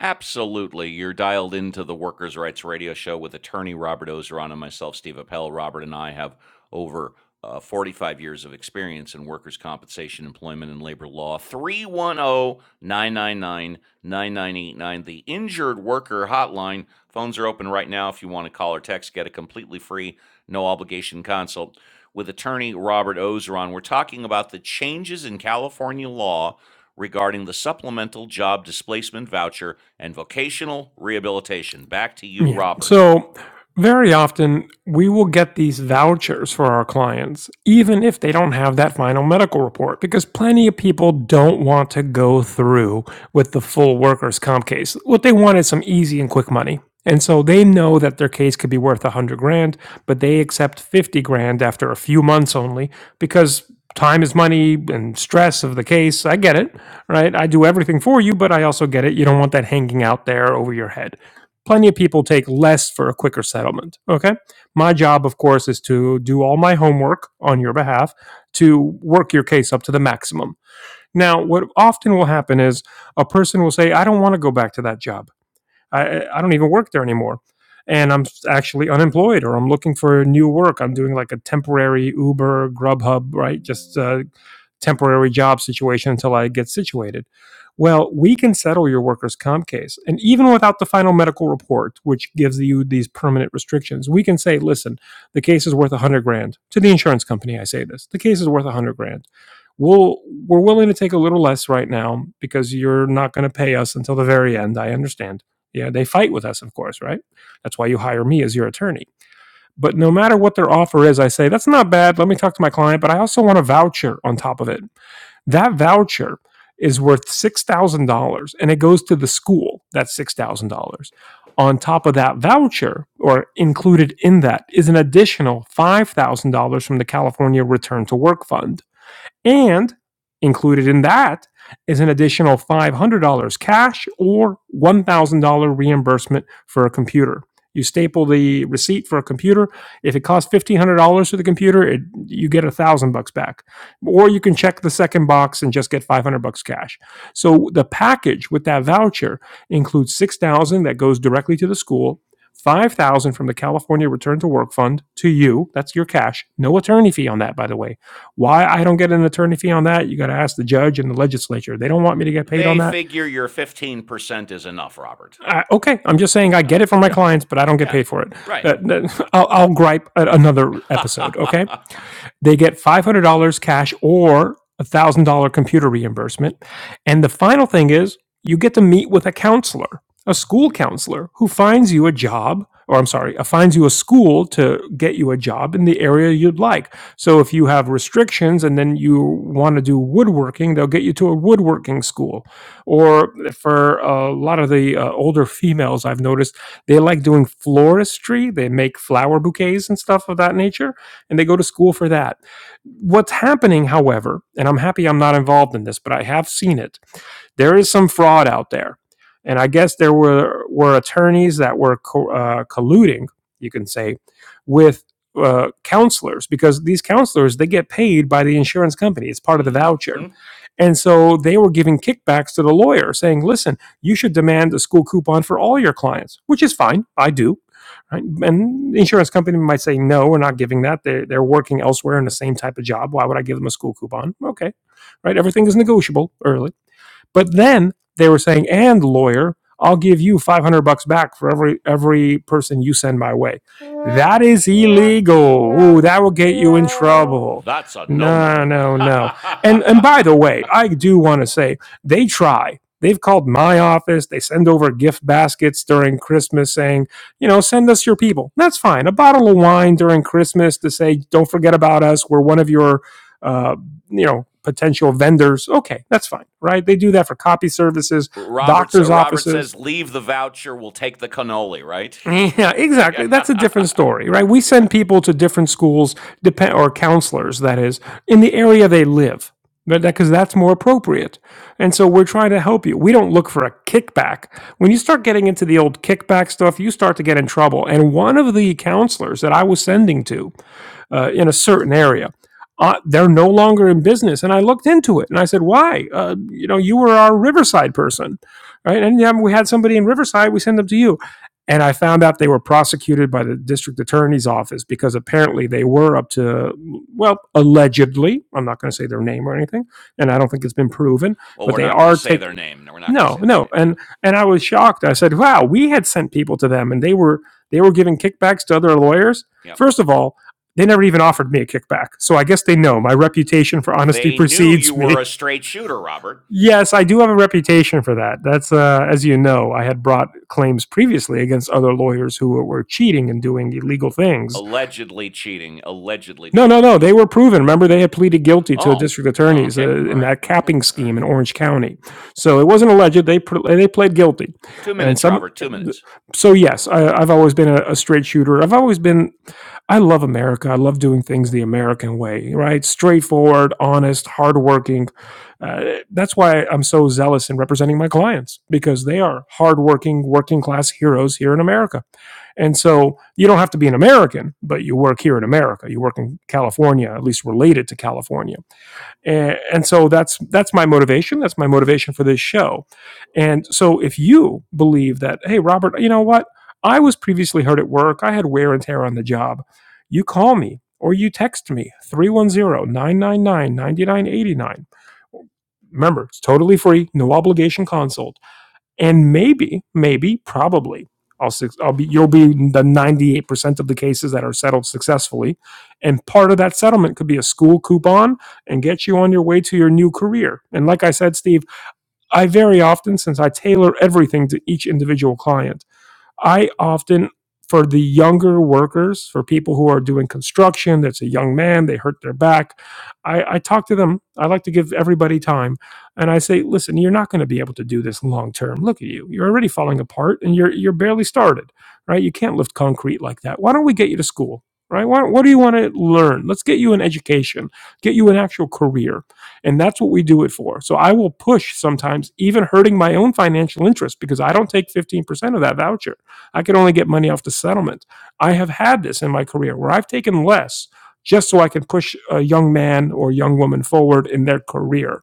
A: Absolutely. You're dialed into the Workers' Rights Radio Show with attorney Robert Ozeron and myself, Steve Appel. Robert and I have over uh, 45 years of experience in workers' compensation, employment, and labor law. 310 999 9989, the injured worker hotline. Phones are open right now if you want to call or text, get a completely free, no obligation consult with attorney Robert Ozeron. We're talking about the changes in California law regarding the supplemental job displacement voucher and vocational rehabilitation. Back to you,
B: Yeah.
A: Robert.
B: So very often we will get these vouchers for our clients, even if they don't have that final medical report, because plenty of people don't want to go through with the full workers' comp case. What they want is some easy and quick money. And so they know that their case could be worth a hundred grand, but they accept fifty grand after a few months only because time is money and stress of the case. I get it, right? I do everything for you, but I also get it. You don't want that hanging out there over your head. Plenty of people take less for a quicker settlement. Okay. My job, of course, is to do all my homework on your behalf to work your case up to the maximum. Now, what often will happen is a person will say, I don't want to go back to that job. I, I don't even work there anymore. And I'm actually unemployed or I'm looking for new work. I'm doing like a temporary Uber, Grubhub, right? Just uh, temporary job situation until I get situated. Well, we can settle your workers' comp case. And even without the final medical report, which gives you these permanent restrictions, we can say, listen, the case is worth 100 grand. To the insurance company, I say this the case is worth 100 grand. We'll, we're willing to take a little less right now because you're not going to pay us until the very end. I understand. Yeah, they fight with us, of course, right? That's why you hire me as your attorney. But no matter what their offer is, I say, that's not bad. Let me talk to my client, but I also want a voucher on top of it that voucher is worth $6,000 and it goes to the school. That's $6,000. On top of that voucher, or included in that, is an additional $5,000 from the California Return to Work Fund. And included in that is an additional $500 cash or $1,000 reimbursement for a computer. You staple the receipt for a computer. If it costs $1,500 for the computer, it, you get a thousand bucks back. Or you can check the second box and just get 500 bucks cash. So the package with that voucher includes 6,000 that goes directly to the school, 5,000 from the California Return to Work Fund to you. That's your cash. No attorney fee on that, by the way why I don't get an attorney fee on that? You got to ask the judge and the legislature. They don't want me to get paid on
A: They
B: that.
A: figure your 15% is enough, Robert.
B: I, okay, I'm just saying
A: Uh,
B: I
A: uh,
B: get it from my
A: Yeah.
B: clients, but I don't get
A: Yeah.
B: paid for it.
A: Right.
B: That- I'll, I'll gripe at another episode. Okay. They get $500 cash or a $1,000 computer reimbursement. And the final thing is you get to meet with a counselor, a school counselor who finds you a job, or I'm sorry, uh, finds you a school to get you a job in the area you'd like. So if you have restrictions and then you want to do woodworking, they'll get you to a woodworking school. Or for a lot of the uh, older females I've noticed, they like doing floristry, they make flower bouquets and stuff of that nature and they go to school for that. What's happening, however, and I'm happy I'm not involved in this, but I have seen it, there is some fraud out there. And I guess there were, were attorneys that were co- uh, colluding, you can say, with uh, counselors because these counselors, they get paid by the insurance company. It's part of the
A: hmm
B: voucher and so they were giving kickbacks to the lawyer saying, listen, you should demand a school coupon for all your clients, which is fine. I do. Right? And the insurance company might say, no, we're not giving that. They're, they're working elsewhere in the same type of job. Why would I give them a school coupon? Okay. Right. Everything is negotiable early. But then they were saying, and lawyer, I'll give you 500 bucks back for every every person you send my way. That is illegal. Ooh, that will get you in trouble.
A: That's a no
B: No,
A: no.
B: no, no. And and by the way, I do want to say they try. They've called my office. They send over gift baskets during Christmas saying, you know, send us your people. That's fine. A bottle of wine during Christmas to say, don't forget about us. We're one of your uh, you know potential vendors okay that's fine right they do that for copy services
A: Roberts
B: doctors
A: Robert
B: offices
A: says, leave the voucher, we'll take the cannoli, right?
B: yeah exactly that's a different story right we send
A: yeah.
B: people to different schools depend or counselors that is in the area they live because that's more appropriate and so we're trying to help you we don't look for a kickback when you start getting into the old kickback stuff you start to get in trouble and one of the counselors that i was sending to uh, in a certain area. Uh, they're no longer in business. And I looked into it and I said, why? Uh, you know, you were our Riverside person, right? Anytime we had somebody in Riverside, we send them to you. And I found out they were prosecuted by the district attorney's office because apparently they were up to, well, allegedly, I'm not going to say their name or anything, and I don't think it's been proven,
A: Well,
B: but
A: we're
B: they
A: not going to
B: are
A: say
B: take,
A: their name. No, we're not going to
B: no,
A: say their
B: no,
A: name. Yeah.
B: and and I was shocked. I said, "Wow, we had sent people to them, and they were they were giving kickbacks to other lawyers."
A: Yep.
B: First of all, they never even offered me a kickback, so I guess they know my reputation for honesty
A: They knew you
B: precedes
A: were a
B: me.
A: straight shooter, Robert.
B: Yes, I do have a reputation for that. That's uh, as you know, I had brought claims previously against other lawyers who were, were cheating and doing illegal things
A: Allegedly cheating, allegedly
B: no,
A: doing
B: no, no.
A: illegal.
B: They were proven. Remember, they had pleaded guilty to a
A: Oh,
B: district
A: oh
B: attorney's
A: okay.
B: uh,
A: All
B: in
A: right.
B: that
A: Okay.
B: capping
A: All
B: scheme in
A: right.
B: Orange County. So it wasn't alleged. They pr- they pled guilty,
A: Two
B: and
A: minutes,
B: some.
A: Robert. Two minutes.
B: So yes, I, I've always been a, a straight shooter. I've always been. I love America. I love doing things the American way. Right, straightforward, honest, hardworking. Uh, that's why I'm so zealous in representing my clients because they are hardworking, working class heroes here in America. And so you don't have to be an American, but you work here in America. You work in California, at least related to California. And, and so that's that's my motivation. That's my motivation for this show. And so if you believe that, hey, Robert, you know what? I was previously hurt at work. I had wear and tear on the job. You call me or you text me three one zero nine nine nine ninety nine eighty nine. Remember, it's totally free, no obligation consult and maybe maybe probably I'll, I'll be you'll be the 98% of the cases that are settled successfully and part of that settlement could be a school coupon and get you on your way to your new career and like i said steve i very often since i tailor everything to each individual client I often for the younger workers, for people who are doing construction, that's a young man, they hurt their back. I, I talk to them. I like to give everybody time. And I say, listen, you're not going to be able to do this long term. Look at you. You're already falling apart and you're you're barely started. Right? You can't lift concrete like that. Why don't we get you to school? Right? Why, what do you want to learn? Let's get you an education, get you an actual career. And that's what we do it for. So I will push sometimes, even hurting my own financial interest because I don't take 15% of that voucher. I could only get money off the settlement. I have had this in my career where I've taken less just so I can push a young man or young woman forward in their career.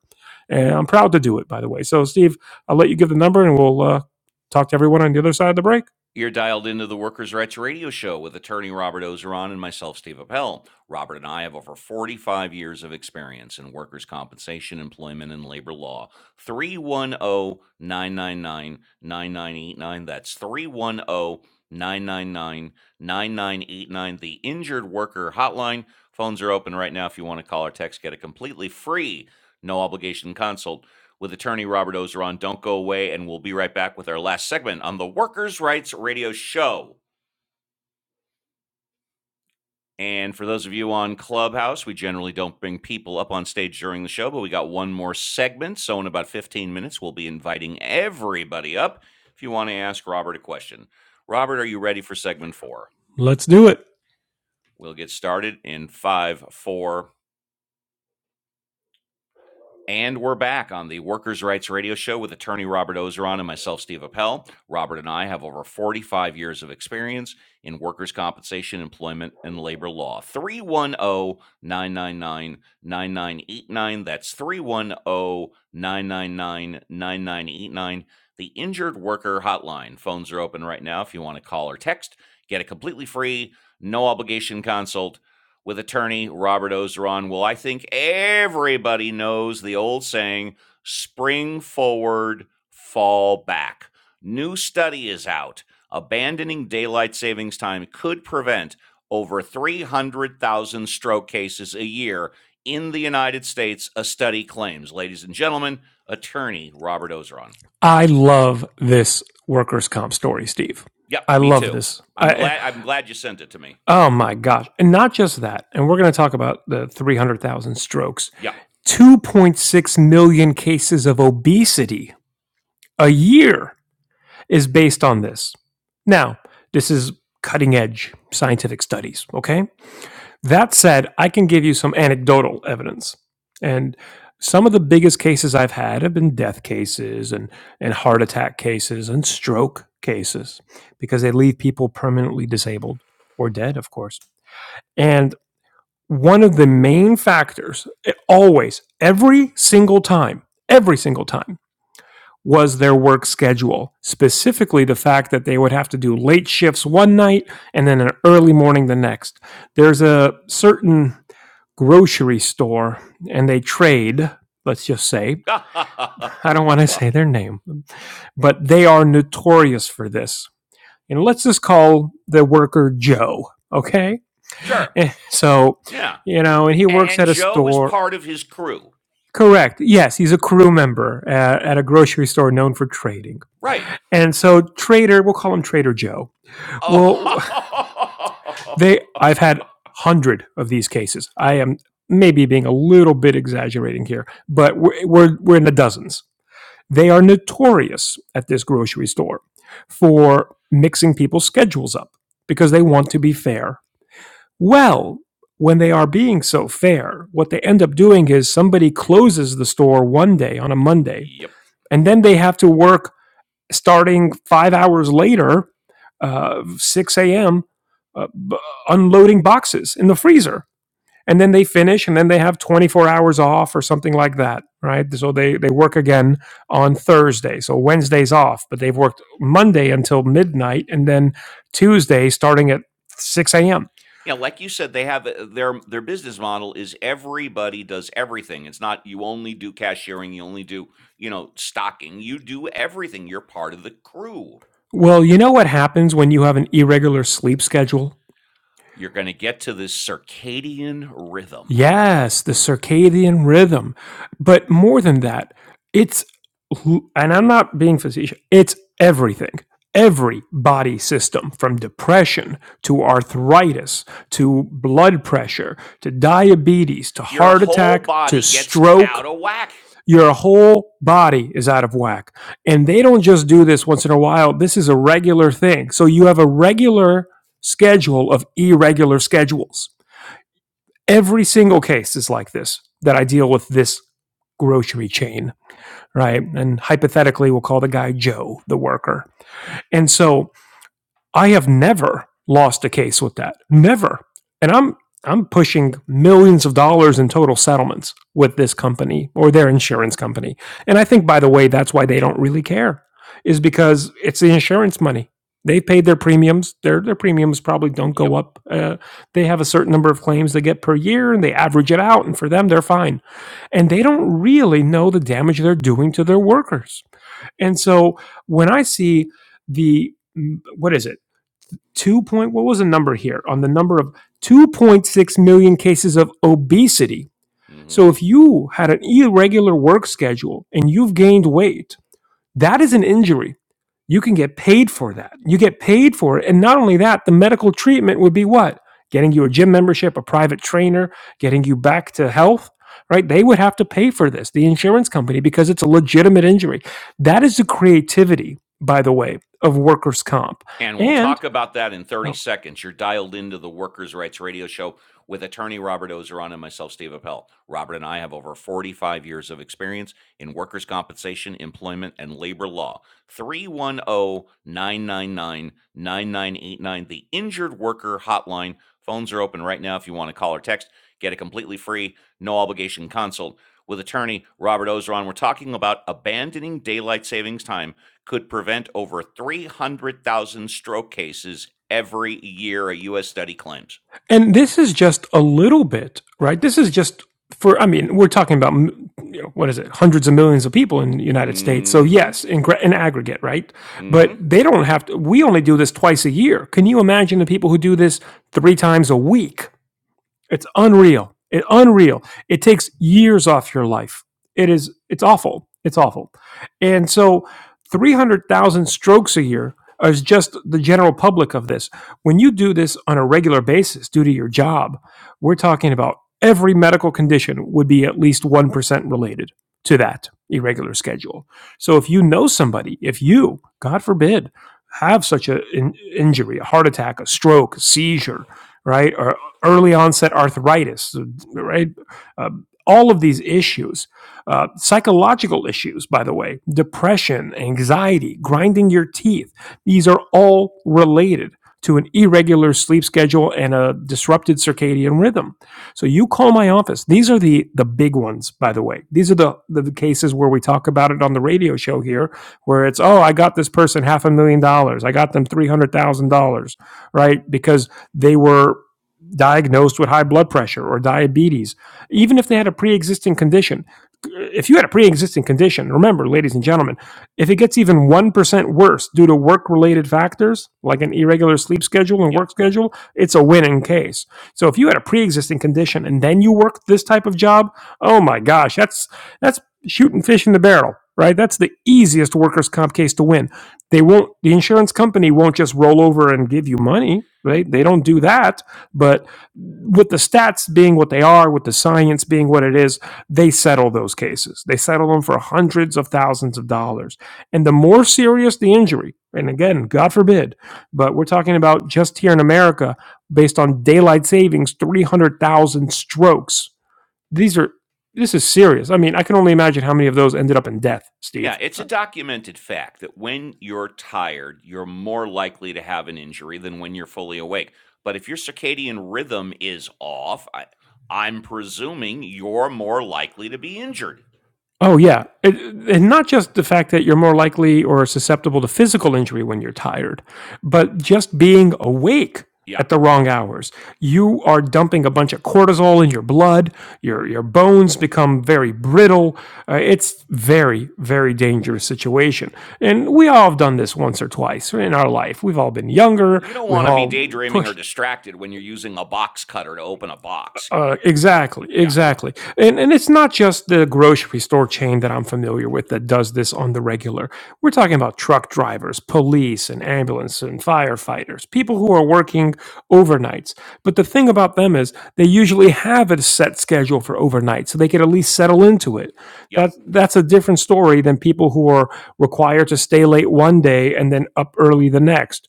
B: And I'm proud to do it, by the way. So, Steve, I'll let you give the number and we'll uh, talk to everyone on the other side of the break.
A: You're dialed into the Workers' Rights Radio Show with attorney Robert Ozeron and myself, Steve Appel. Robert and I have over 45 years of experience in workers' compensation, employment, and labor law. 3109999989. That's 3109999989. The Injured Worker Hotline. Phones are open right now if you want to call or text. Get a completely free, no obligation consult with attorney Robert Ozeron. Don't go away, and we'll be right back with our last segment on the Workers' Rights Radio Show. And for those of you on Clubhouse, we generally don't bring people up on stage during the show, but we got one more segment. So, in about 15 minutes, we'll be inviting everybody up if you want to ask Robert a question. Robert, are you ready for segment four?
B: Let's do it.
A: We'll get started in five, four, And we're back on the Workers' Rights Radio Show with attorney Robert Ozeron and myself, Steve Appel. Robert and I have over 45 years of experience in workers' compensation, employment, and labor law. 310 999 9989. That's 310 999 9989. The Injured Worker Hotline. Phones are open right now if you want to call or text. Get a completely free, no obligation consult with attorney Robert Ozeron. Well, I think everybody knows the old saying spring forward, fall back. New study is out. Abandoning daylight savings time could prevent over 300,000 stroke cases a year in the United States, a study claims. Ladies and gentlemen, attorney Robert Ozeron.
B: I love this workers' comp story, Steve.
A: Yep,
B: I
A: me
B: love
A: too.
B: this.
A: I'm
B: I,
A: glad I'm glad you sent it to me.
B: oh my gosh. And not just that. And we're going to talk about the 300,000 strokes,
A: Yep.
B: 2.6 million cases of obesity a year is based on this. Now, this is cutting edge scientific studies, okay? That said, I can give you some anecdotal evidence. And some of the biggest cases I've had have been death cases and, and heart attack cases and stroke cases because they leave people permanently disabled or dead, of course. And one of the main factors, eh, always, every single time, every single time, was their work schedule, specifically the fact that they would have to do late shifts one night and then an early morning the next. There's a certain grocery store and they trade, let's just say, I don't want to say their name, but they are notorious for this. And let's just call the worker Joe, okay?
A: sure.
B: so,
A: Yeah.
B: you know, and he
A: A-
B: works
A: And,
B: at a
A: Joe is
B: store.
A: part of his crew.
B: Correct. Yes, he's a crew member at, at a grocery store known for trading.
A: Right.
B: And so, Trader, we'll call him Trader Joe. Well, they,
A: Oh.
B: I've had hundred of these cases. I am maybe being a little bit exaggerating here, but we're we're, we're in the dozens. They are notorious at this grocery store for mixing people's schedules up because they want to be fair. Well, when they are being so fair, what they end up doing is somebody closes the store one day on a Monday,
A: yep.
B: and then they have to work starting five hours later, uh, 6 a.m., uh, b- unloading boxes in the freezer and then they finish and then they have 24 hours off or something like that right so they they work again on thursday so wednesday's off but they've worked monday until midnight and then tuesday starting at 6 a.m
A: Yeah, like you said, they have uh, their their business model is everybody does everything. It's not you only do cashiering, you only do, you know, stocking. You do everything. You're part of the crew.
B: well you know what happens when you have an irregular sleep schedule
A: You're going to get to this circadian rhythm.
B: Yes, the circadian rhythm. But more than that, it's, and I'm not being facetious, it's everything. Every body system, from depression to arthritis to blood pressure to diabetes to
A: Your
B: heart
A: whole
B: attack to
A: body gets out
B: stroke,
A: of whack.
B: your whole body is out of whack. And they don't just do this once in a while, this is a regular thing. So you have a regular schedule of irregular schedules every single case is like this that I deal with this grocery chain, right? And hypothetically, we'll call the guy Joe, the worker. And so I have never lost a case with that. Never. And I'm I'm pushing millions of dollars in total settlements with this company or their insurance company. And I think by the way that's why they don't really care is because it's the insurance money. They paid their premiums. Their their premiums probably don't go
A: Yep.
B: up. Uh, they have a certain number of claims they get per year, and they average it out. And for them, they're fine. And they don't really know the damage they're doing to their workers. And so when I see the mm, what is it? two point what was the number here on the number of 2.6 million cases of obesity
A: Mhm.
B: so if you had an irregular work schedule and you've gained weight that is an injury you can get paid for that you get paid for it and not only that the medical treatment would be what getting you a gym membership a private trainer getting you back to health right they would have to pay for this the insurance company because it's a legitimate injury that is the creativity by the way of workers comp
A: And we'll
B: and
A: talk about that in 30
B: Oh,
A: seconds. You're dialed into the Workers' Rights Radio Show with attorney Robert Ozeron and myself, Steve Appel. Robert and I have over 45 years of experience in workers' compensation, employment, and labor law. Three one o 999 9989. the Injured Worker Hotline. Phones are open right now if you want to call or text. Get a completely free, no obligation consult with attorney Robert Ozeron. We're talking about abandoning daylight savings time could prevent over 300,000 stroke cases every year, a U.S. study claims.
B: And this is just a little bit, right? This is just for, I mean, we're talking about, you know, what is it, hundreds of millions of people in the United States. So,
A: Mm
B: yes,
A: hmm.
B: in, in aggregate, right?
A: Mm
B: But
A: hmm.
B: they don't have to, we only do this twice a year. Can you imagine the people who do this three times a week? It's unreal. It unreal. It takes years off your life. It is. It's awful. It's awful. And so, three hundred thousand strokes a year is just the general public of this. When you do this on a regular basis due to your job, we're talking about every medical condition would be at least one percent related to that irregular schedule. So, if you know somebody, if you, God forbid, have such an in- injury, a heart attack, a stroke, a seizure, right? or early onset arthritis, right? Uh, all of these issues, uh, psychological issues, by the way, depression, anxiety, grinding your teeth, these are all related to an irregular sleep schedule and a disrupted circadian rhythm. So you call my office. These are the the big ones, by the way. These are the the cases where we talk about it on the radio show here, where it's oh, I got this person half a million dollars, I got them three hundred thousand dollars, right? Because they were diagnosed with high blood pressure or diabetes, even if they had a pre existing condition. If you had a pre existing condition, remember, ladies and gentlemen, if it gets even 1% worse due to work related factors, like an irregular sleep schedule and
A: Yep.
B: work schedule, it's a winning case. So if you had a pre existing condition and then you worked this type of job, oh my gosh, that's, that's shooting fish in the barrel. Right, that's the easiest workers' comp case to win. They won't. The insurance company won't just roll over and give you money. Right, they don't do that but with the stats being what they are, with the science being what it is, they settle those cases. They settle them for hundreds of thousands of dollars. And the more serious the injury, and again, God forbid, but we're talking about just here in America, based on daylight savings, 300,000 strokes. These are, this is serious. I mean, I can only imagine how many of those ended up in death, Steve.
A: Yeah, it's a documented fact that when you're tired, you're more likely to have an injury than when you're fully awake. But if your circadian rhythm is off, I, I'm presuming you're more likely to be injured.
B: Oh, yeah. It, and not just the fact that you're more likely or susceptible to physical injury when you're tired, but just being awake
A: Yeah.
B: at the wrong hours. You are dumping a bunch of cortisol in your blood. Your, your bones become very brittle. Uh, it's very, very dangerous situation. And we all have done this once or twice in our life. We've all been younger.
A: You don't
B: We've
A: want to be
B: all
A: daydreaming or
B: pushed
A: distracted when you're using a box cutter to open a box, you
B: uh,
A: know?
B: exactly,
A: Yeah.
B: exactly, and and it's not just the grocery store chain that I'm familiar with that does this on the regular. We're talking about truck drivers, police, and ambulance and firefighters, people who are working overnights. But the thing about them is they usually have a set schedule for overnight, so they could at least settle into it. That
A: Yep.
B: that's a different story than people who are required to stay late one day and then up early the next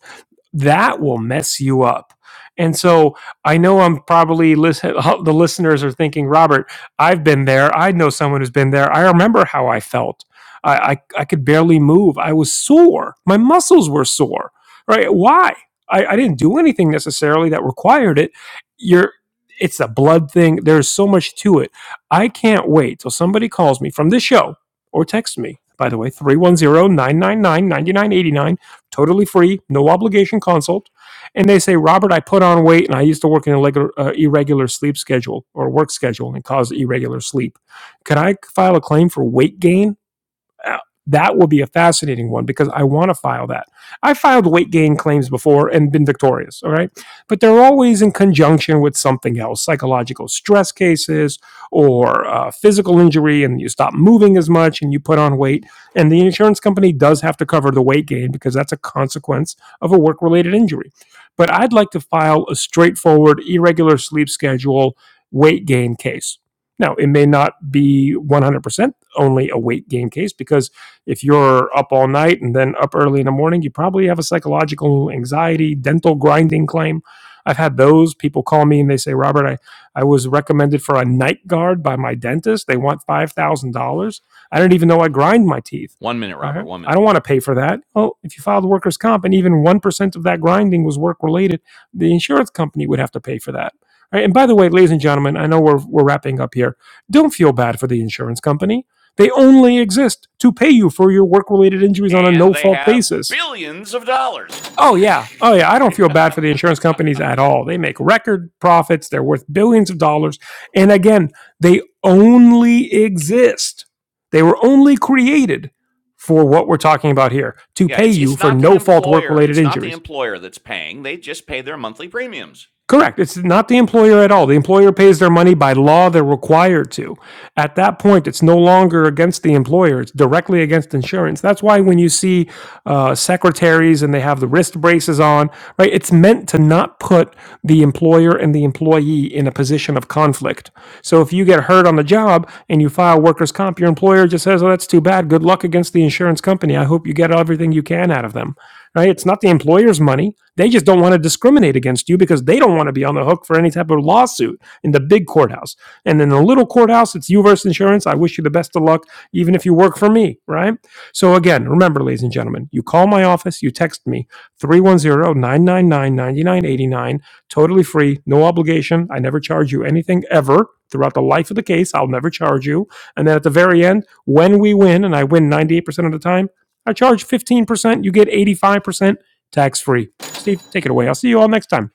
B: that will mess you up. And so I know I'm probably listen, the listeners are thinking, Robert, I've been there. I know someone who's been there. I remember how I felt. I, I, I could barely move. I was sore. My muscles were sore. Right? Why? I, I didn't do anything necessarily that required it. You're it's a blood thing. There's so much to it. I can't wait till somebody calls me from this show or texts me, by the way, three one zero nine nine nine ninety nine eighty nine totally free, no obligation consult. And they say, Robert, I put on weight and I used to work in an irregular, uh, irregular sleep schedule or work schedule and cause irregular sleep. Can I file a claim for weight gain? Uh, That will be a fascinating one because I want to file that. I filed weight gain claims before and been victorious, all right? But they're always in conjunction with something else psychological stress cases or uh, physical injury, and you stop moving as much and you put on weight. And the insurance company does have to cover the weight gain because that's a consequence of a work related injury. But I'd like to file a straightforward, irregular sleep schedule weight gain case. Now, it may not be 100% only a weight gain case because if you're up all night and then up early in the morning, you probably have a psychological anxiety, dental grinding claim. I've had those people call me and they say, Robert, I, I was recommended for a night guard by my dentist. They want $5,000. I do not even know I grind my teeth.
A: One minute,
B: All
A: Robert.
B: right.
A: One
B: I
A: minute.
B: don't want to pay for that. Well, if you filed workers' comp and even 1% of that grinding was work related, the insurance company would have to pay for that. All right. And by the way, ladies and gentlemen, I know we're, we're wrapping up here. Don't feel bad for the insurance company they only exist to pay you for your work related injuries on a
A: and
B: no
A: they
B: fault
A: have
B: basis.
A: billions of dollars.
B: Oh, yeah. Oh, yeah. I don't feel bad for the insurance companies at all. They make record profits, they're worth billions of dollars. And again, they only exist. They were only created for what we're talking about here to
A: yeah,
B: pay
A: it's
B: you
A: it's
B: for
A: not the
B: no fault work
A: employer,
B: related
A: it's not the
B: injuries.
A: employer that's paying. They just pay their monthly premiums.
B: Correct. It's not the employer at all. The employer pays their money by law. They're required to. At that point, it's no longer against the employer. It's directly against insurance. That's why when you see uh, secretaries and they have the wrist braces on, right? It's meant to not put the employer and the employee in a position of conflict. So if you get hurt on the job and you file workers' comp, your employer just says, "Oh, that's too bad. Good luck against the insurance company. I hope you get everything you can out of them." right? It's not the employer's money. They just don't want to discriminate against you because they don't want to be on the hook for any type of lawsuit in the big courthouse. And in the little courthouse, it's you versus insurance. I wish you the best of luck, even if you work for me, right? So again, remember, ladies and gentlemen, you call my office, you text me three one zero nine nine nine ninety nine eighty nine. totally free, no obligation. I never charge you anything ever. Throughout the life of the case, I'll never charge you. And then at the very end, when we win, and I win 98% of the time, I charge 15%, you get 85% tax free. Steve, take it away. I'll see you all next time.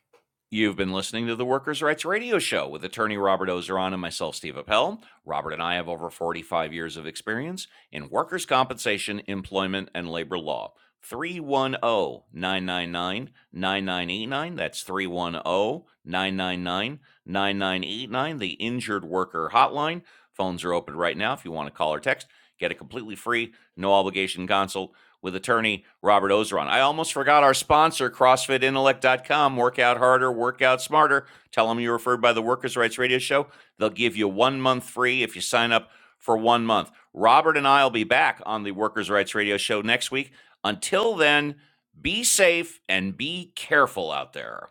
A: You've been listening to the Workers' Rights Radio Show with attorney Robert Ozeron and myself, Steve Appel. Robert and I have over 45 years of experience in workers' compensation, employment, and labor law. 310 999 9989. That's 310 999 9989. the Injured Worker Hotline. Phones are open right now if you want to call or text. Get a completely free, no obligation consult with attorney Robert Ozeron. I almost forgot our sponsor, CrossFitIntellect.com. Work out harder, work out smarter. Tell them you were referred by the Workers' Rights Radio Show. They'll give you one month free if you sign up for one month. Robert and I will be back on the Workers' Rights Radio Show next week. Until then, be safe and be careful out there.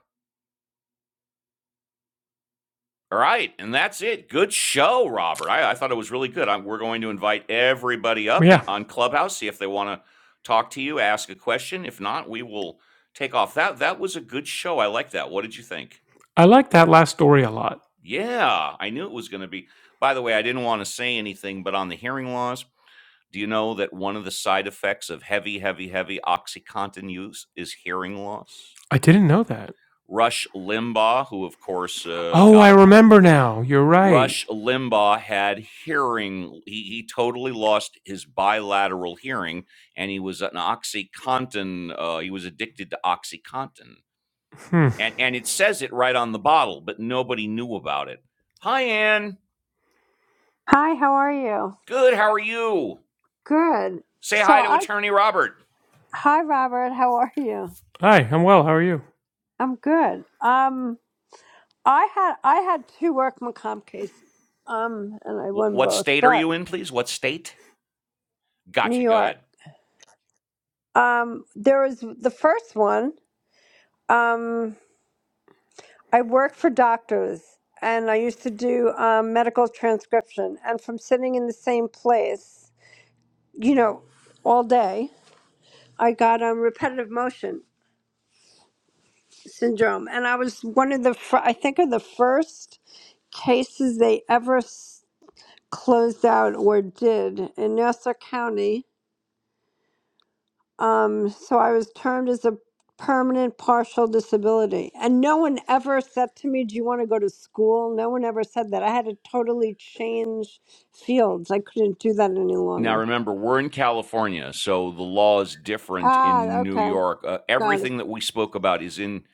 A: All right, and that's it. Good show, Robert. I, I thought it was really good. i we're going to invite everybody up in,
B: Yeah,
A: on Clubhouse, see if they want to talk to you, ask a question. If not, we will take off. That that was a good show. I like that. What did you think?
B: I like that last story a lot.
A: Yeah, I knew it was going to be. By the way, I didn't want to say anything, but on the hearing loss, do you know that one of the side effects of heavy, heavy, heavy OxyContin use is hearing loss?
B: I didn't know that.
A: Rush Limbaugh, who of course uh,
B: Oh, I
A: got a
B: remember now. You're right.
A: Rush Limbaugh had hearing, he, he totally lost his bilateral hearing, and he was an Oxycontin, uh, he was addicted to Oxycontin.
B: Hmm.
A: And, and it says it right on the bottle, but nobody knew about it. Hi, Ann.
C: Hi, how are you?
A: Good. How are you?
C: Good.
A: Say
C: So
A: hi to
C: I
A: Attorney Robert.
C: hi Robert, how are you?
B: Hi, I'm well. How are you?
C: I'm good. Um I had I had two workman comp cases. Um and I
A: Wh-
C: won
A: what
C: both,
A: state are
C: but
A: you in, please? What state?
C: New
A: Gotcha. Go
C: York.
A: ahead.
C: Um there was the first one, um I worked for doctors and I used to do um, medical transcription and from sitting in the same place, you know, all day, I got um repetitive motion syndrome and I was one of the fir- I think of the first cases they ever s- closed out or did in Nassau County. Um, so I was termed as a permanent partial disability. And no one ever said to me, Do you want to go to school? No one ever said that. I had to totally change fields. I couldn't do that any
A: Now,
C: longer.
A: remember, we're in California, so the law is different
C: Ah,
A: in New
C: okay.
A: York. Uh,
C: Got it.
A: everything that we spoke about is in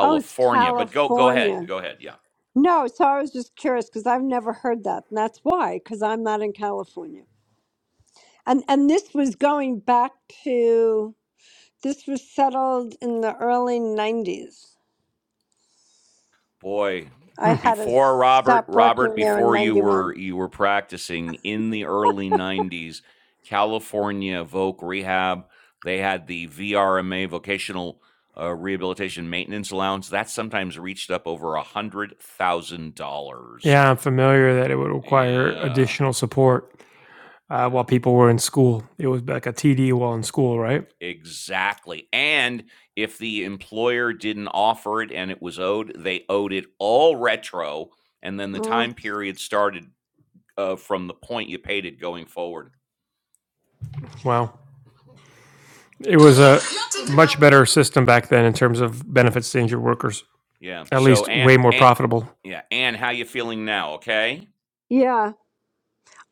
C: Oh, it's
A: But go, go ahead,
C: California.
A: go ahead. Yeah,
C: No, so I was just curious because I've never heard that. And that's why, because I'm not in California. And and this was going back to This was settled in the early 90s.
A: boy,
C: I
B: Hmm.
C: had to
A: before Robert,
C: stop
A: Robert,
C: working there in
A: before you
C: 91.
A: were you were practicing in the early '90s, California Voc Rehab. They had the VRMA Vocational uh, Rehabilitation Maintenance Allowance. That sometimes reached up over a hundred thousand dollars.
B: Yeah, I'm familiar that it would require
A: Yeah,
B: additional support uh,
A: yeah.
B: while people were in school. It was like a TD while in school, right?
A: Exactly. And if the employer didn't offer it and it was owed, they owed it all retro. And then the time
C: Well,
A: period started uh, from the point you paid it going forward.
B: Wow. It was a much better system back then in terms of benefits to injured workers,
A: Yeah.
B: at
A: So,
B: least
A: and,
B: way more
A: and
B: profitable.
A: yeah, Anne, how you feeling now? Okay.
C: yeah,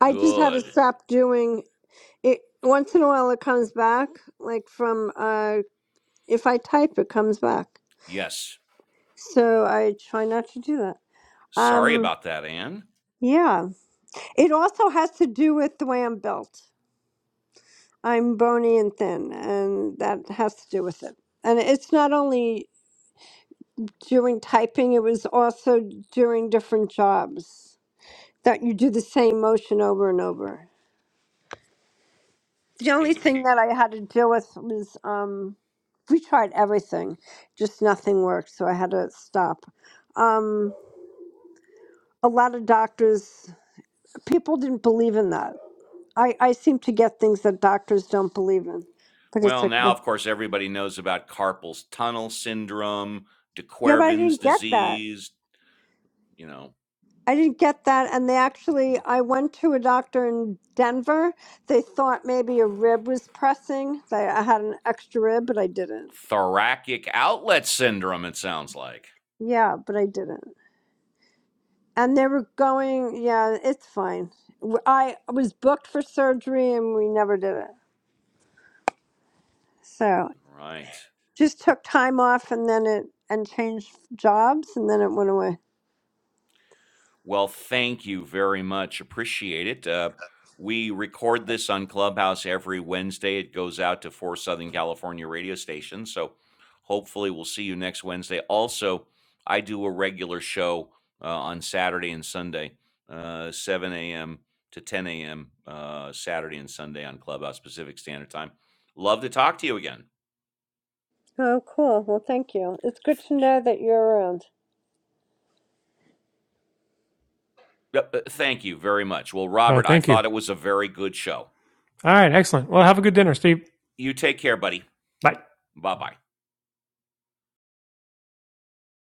C: I just had to
A: Good.
C: stop doing it. Once in a while, it comes back, like from uh, if I type, it comes back.
A: Yes.
C: So I try not to do that.
A: Sorry
C: Um,
A: about that, Anne.
C: yeah, it also has to do with the way I'm built. I'm bony and thin, and that has to do with it. And it's not only during typing, it was also during different jobs that you do the same motion over and over. The only
A: Ex-
C: thing that I had to deal with was um, we tried everything, just nothing worked, so I had to stop. Um, a lot of doctors, people didn't believe in that. I, I seem to get things that doctors don't believe in, but it's
A: well, now,
C: okay.
A: of course, everybody knows about carpal tunnel syndrome, de
C: Yeah, but I
A: Quervain's
C: didn't get that.
A: disease, you know.
C: I didn't get that. And they actually, I went to a doctor in Denver. They thought maybe a rib was pressing. They, I had an extra rib, but I didn't.
A: thoracic outlet syndrome, it sounds like.
C: Yeah, but I didn't. And they were going, yeah, it's fine. W- I was booked for surgery and we never did it. So
A: All right.
C: just took time off and then it, and changed jobs and then it went away.
A: Well, thank you very much. Appreciate it. Uh, we record this on Clubhouse every Wednesday. It goes out to four Southern California radio stations. So hopefully we'll see you next Wednesday. Also, I do a regular show uh, on Saturday and Sunday, uh, 7 a.m. to 10 a.m. Uh, Saturday and Sunday on Clubhouse Pacific Standard Time. Love to talk to you again.
C: Oh, cool. Well, thank you. It's good to know that you're around.
A: Yep, uh, thank you very much. Well,
B: Uh,
A: Robert, I
B: thank you.
A: thought it was a very good show.
B: All right, excellent. Well, have a good dinner, Steve.
A: You take care, buddy.
B: Bye.
A: Bye bye.